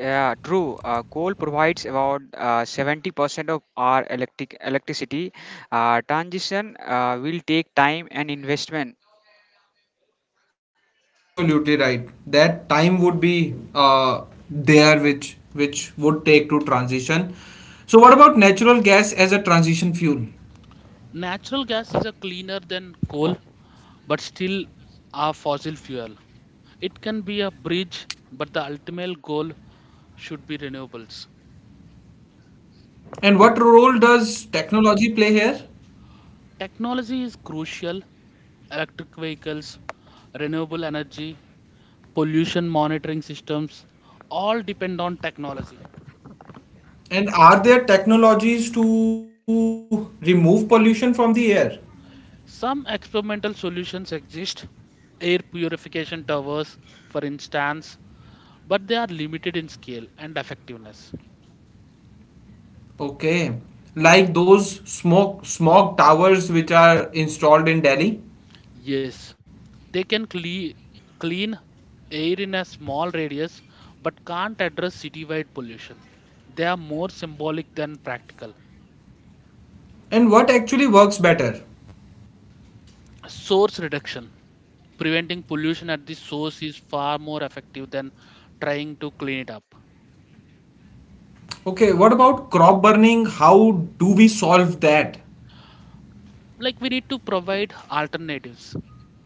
Speaker 3: yeah, true. Coal provides about 70% of our electricity. Transition will take time and investment.
Speaker 1: Absolutely right. That time would be there, which would take to transition. So, what about natural gas as a transition fuel?
Speaker 2: Natural gas is a cleaner than coal, but still a fossil fuel. It can be a bridge, but the ultimate goal should be renewables.
Speaker 1: And what role does technology play here?
Speaker 2: Technology is crucial. Electric vehicles, renewable energy, pollution monitoring systems all depend on technology.
Speaker 1: And are there technologies to remove pollution from the air?
Speaker 2: Some experimental solutions exist. Air purification towers, for instance, but they are limited in scale and effectiveness.
Speaker 1: Okay, like those smoke smog towers which are installed in Delhi.
Speaker 2: Yes, they can clean air in a small radius but can't address citywide pollution. They are more symbolic than practical.
Speaker 1: And what actually works better?
Speaker 2: Source reduction preventing pollution at the source is far more effective than trying to clean it up.
Speaker 1: Okay, what about crop burning? How do we solve that?
Speaker 2: Like, we need to provide alternatives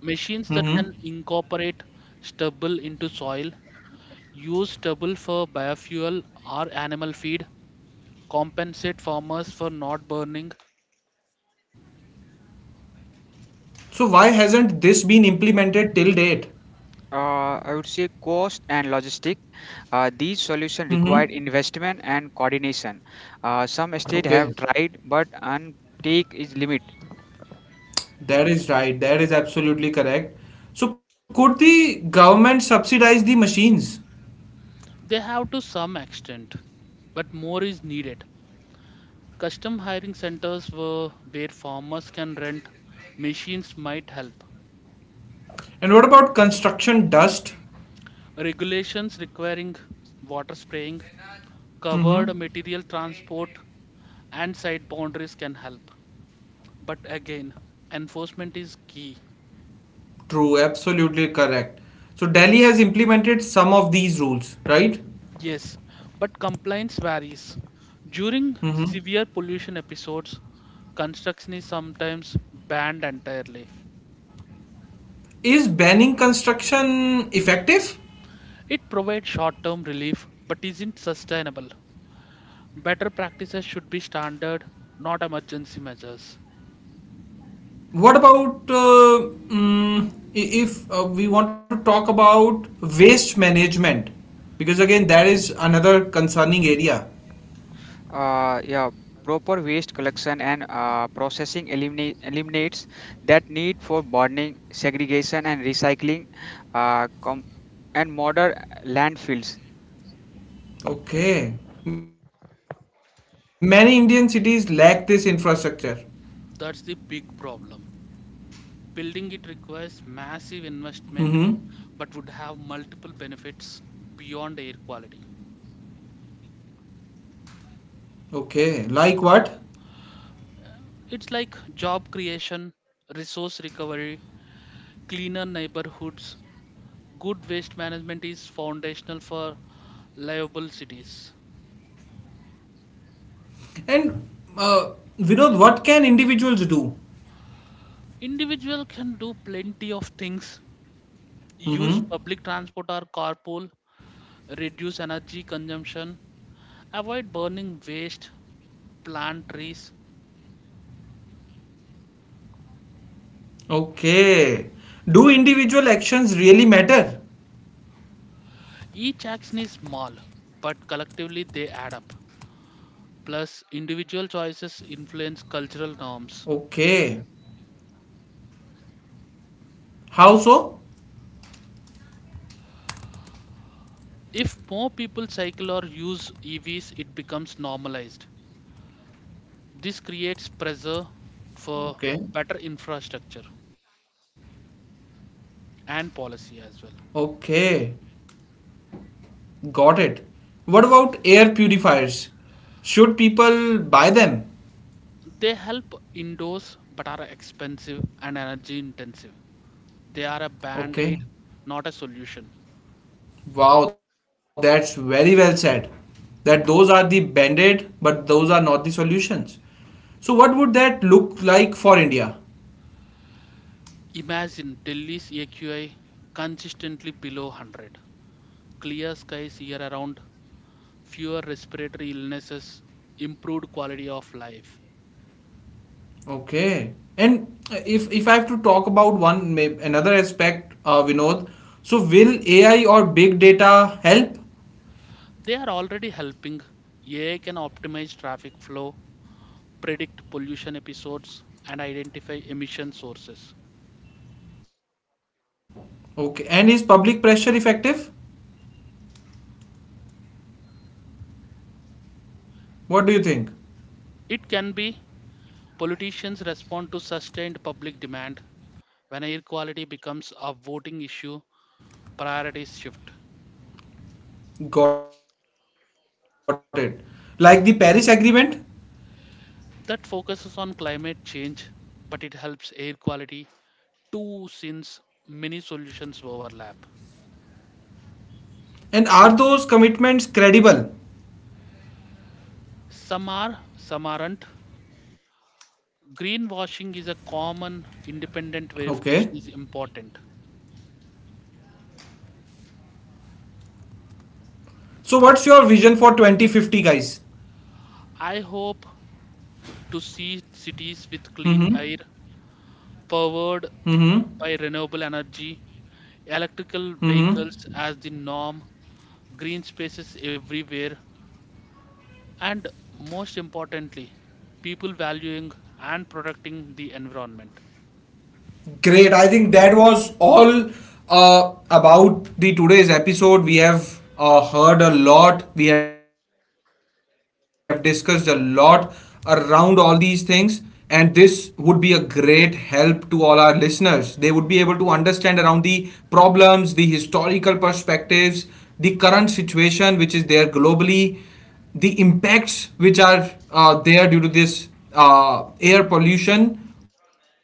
Speaker 2: machines that can
Speaker 1: Mm-hmm.
Speaker 2: incorporate stubble into soil, use stubble for biofuel or animal feed, compensate farmers for not burning.
Speaker 1: So why hasn't this been implemented till date?
Speaker 3: I would say cost and logistic. These solutions
Speaker 1: Mm-hmm.
Speaker 3: require investment and coordination. Some states have
Speaker 1: Okay,
Speaker 3: tried, but untake is limit.
Speaker 1: that is right. That is absolutely correct. So could the government subsidize the machines?
Speaker 2: They have to some extent, but more is needed. Custom hiring centers were where farmers can rent machines might help.
Speaker 1: And what about construction dust?
Speaker 2: Regulations requiring water spraying,
Speaker 1: Mm-hmm.
Speaker 2: covered material transport, and site boundaries can help. But again, enforcement is key.
Speaker 1: True, absolutely correct. So Delhi has implemented some of these rules, right?
Speaker 2: Yes, but compliance varies. During
Speaker 1: Mm-hmm.
Speaker 2: severe pollution episodes, construction is sometimes banned entirely.
Speaker 1: Is banning construction effective?
Speaker 2: It provides short term relief but isn't sustainable. Better practices should be standard, not emergency measures.
Speaker 1: What about if we want to talk about waste management? Because again, that is another concerning area.
Speaker 3: Yeah, proper waste collection and processing eliminates that need for burning, segregation, and recycling, uh, com- and modern landfills.
Speaker 1: Okay. Many Indian cities lack this infrastructure.
Speaker 2: That's the big problem. Building it requires
Speaker 1: Mm-hmm.
Speaker 2: massive investment but would have multiple benefits beyond air quality.
Speaker 1: Okay. Like what?
Speaker 2: It's like job creation, resource recovery, cleaner neighborhoods. Good waste management is foundational for livable cities.
Speaker 1: And uh, Vinod, what can individuals do?
Speaker 2: Individual can do plenty of things. Use public
Speaker 1: Mm-hmm.
Speaker 2: transport or carpool, reduce energy consumption, avoid burning waste, plant trees.
Speaker 1: Okay. Do individual actions really matter?
Speaker 2: Each action is small, but collectively they add up. Plus, individual choices influence cultural norms.
Speaker 1: Okay. How so?
Speaker 2: If more people cycle or use EVs, it becomes normalized. This creates pressure for better
Speaker 1: Okay.
Speaker 2: infrastructure and policy as well.
Speaker 1: Okay. Got it. What about air purifiers? Should people buy them?
Speaker 2: They help indoors but are expensive and energy intensive. They are a band aid,
Speaker 1: Okay.
Speaker 2: not a solution.
Speaker 1: Wow, that's very well said. That those are the band-aid, but those are not the solutions. So what would that look like for India?
Speaker 2: Imagine Delhi's AQI consistently below 100, clear skies year around, fewer respiratory illnesses, improved quality of life.
Speaker 1: Okay. And if I have to talk about another aspect, Vinod, so will AI or big data help?
Speaker 2: They are already helping. AI can optimize traffic flow, predict pollution episodes, and identify emission sources.
Speaker 1: Okay. And is public pressure effective? What do you think?
Speaker 2: It can be politicians respond to sustained public demand. When air quality becomes a voting issue, priorities shift.
Speaker 1: Got it. Like the Paris Agreement?
Speaker 2: That focuses on climate change, but it helps air quality too since many solutions overlap.
Speaker 1: And are those commitments credible?
Speaker 2: Some are, some aren't. Greenwashing is a
Speaker 1: Okay.
Speaker 2: common independent verification is important.
Speaker 1: So what's your vision for 2050, guys?
Speaker 2: I hope to see cities with
Speaker 1: Mm-hmm.
Speaker 2: clean air powered
Speaker 1: Mm-hmm.
Speaker 2: by renewable energy, electrical
Speaker 1: Mm-hmm.
Speaker 2: vehicles as the norm, green spaces everywhere, and most importantly, people valuing and protecting the environment.
Speaker 1: Great. I think that was all about the today's episode. We have heard a lot. We have discussed a lot around all these things, and this would be a great help to all our listeners. They would be able to understand around the problems, the historical perspectives, the current situation which is there globally, the impacts which are there due to this air pollution on the health,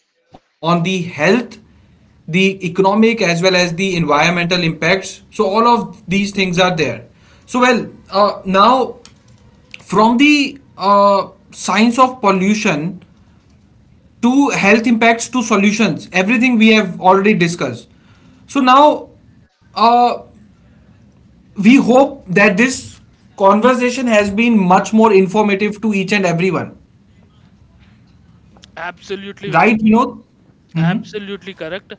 Speaker 1: the economic as well as the environmental impacts. So all of these things are there. So well, now from the science of pollution to health impacts to solutions, everything we have already discussed. So now uh, we hope that this conversation has been much more informative to each and everyone,
Speaker 2: Absolutely, Venom.
Speaker 1: right? You know.
Speaker 2: Absolutely correct.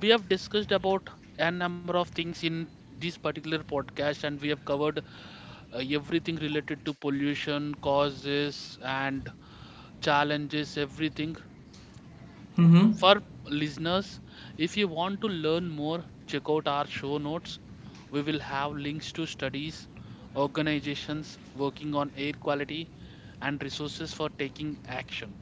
Speaker 2: We have discussed about a number of things in this particular podcast, and we have covered everything related to pollution, causes, and challenges, everything. For listeners, if you want to learn more, check out our show notes. We will have links to studies, organizations working on air quality, and resources for taking action.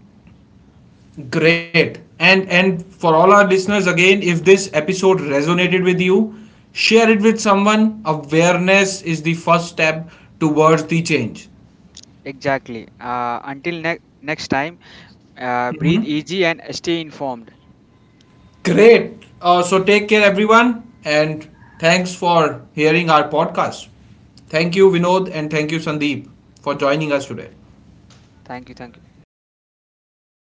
Speaker 1: Great. And for all our listeners again, if this episode resonated with you, share it with someone. Awareness is the first step towards the change.
Speaker 3: Exactly. Until next time, breathe easy and stay informed.
Speaker 1: Great. So take care everyone and thanks for hearing our podcast. Thank you Vinod and thank you Sandeep for joining us today.
Speaker 3: Thank you. Thank you.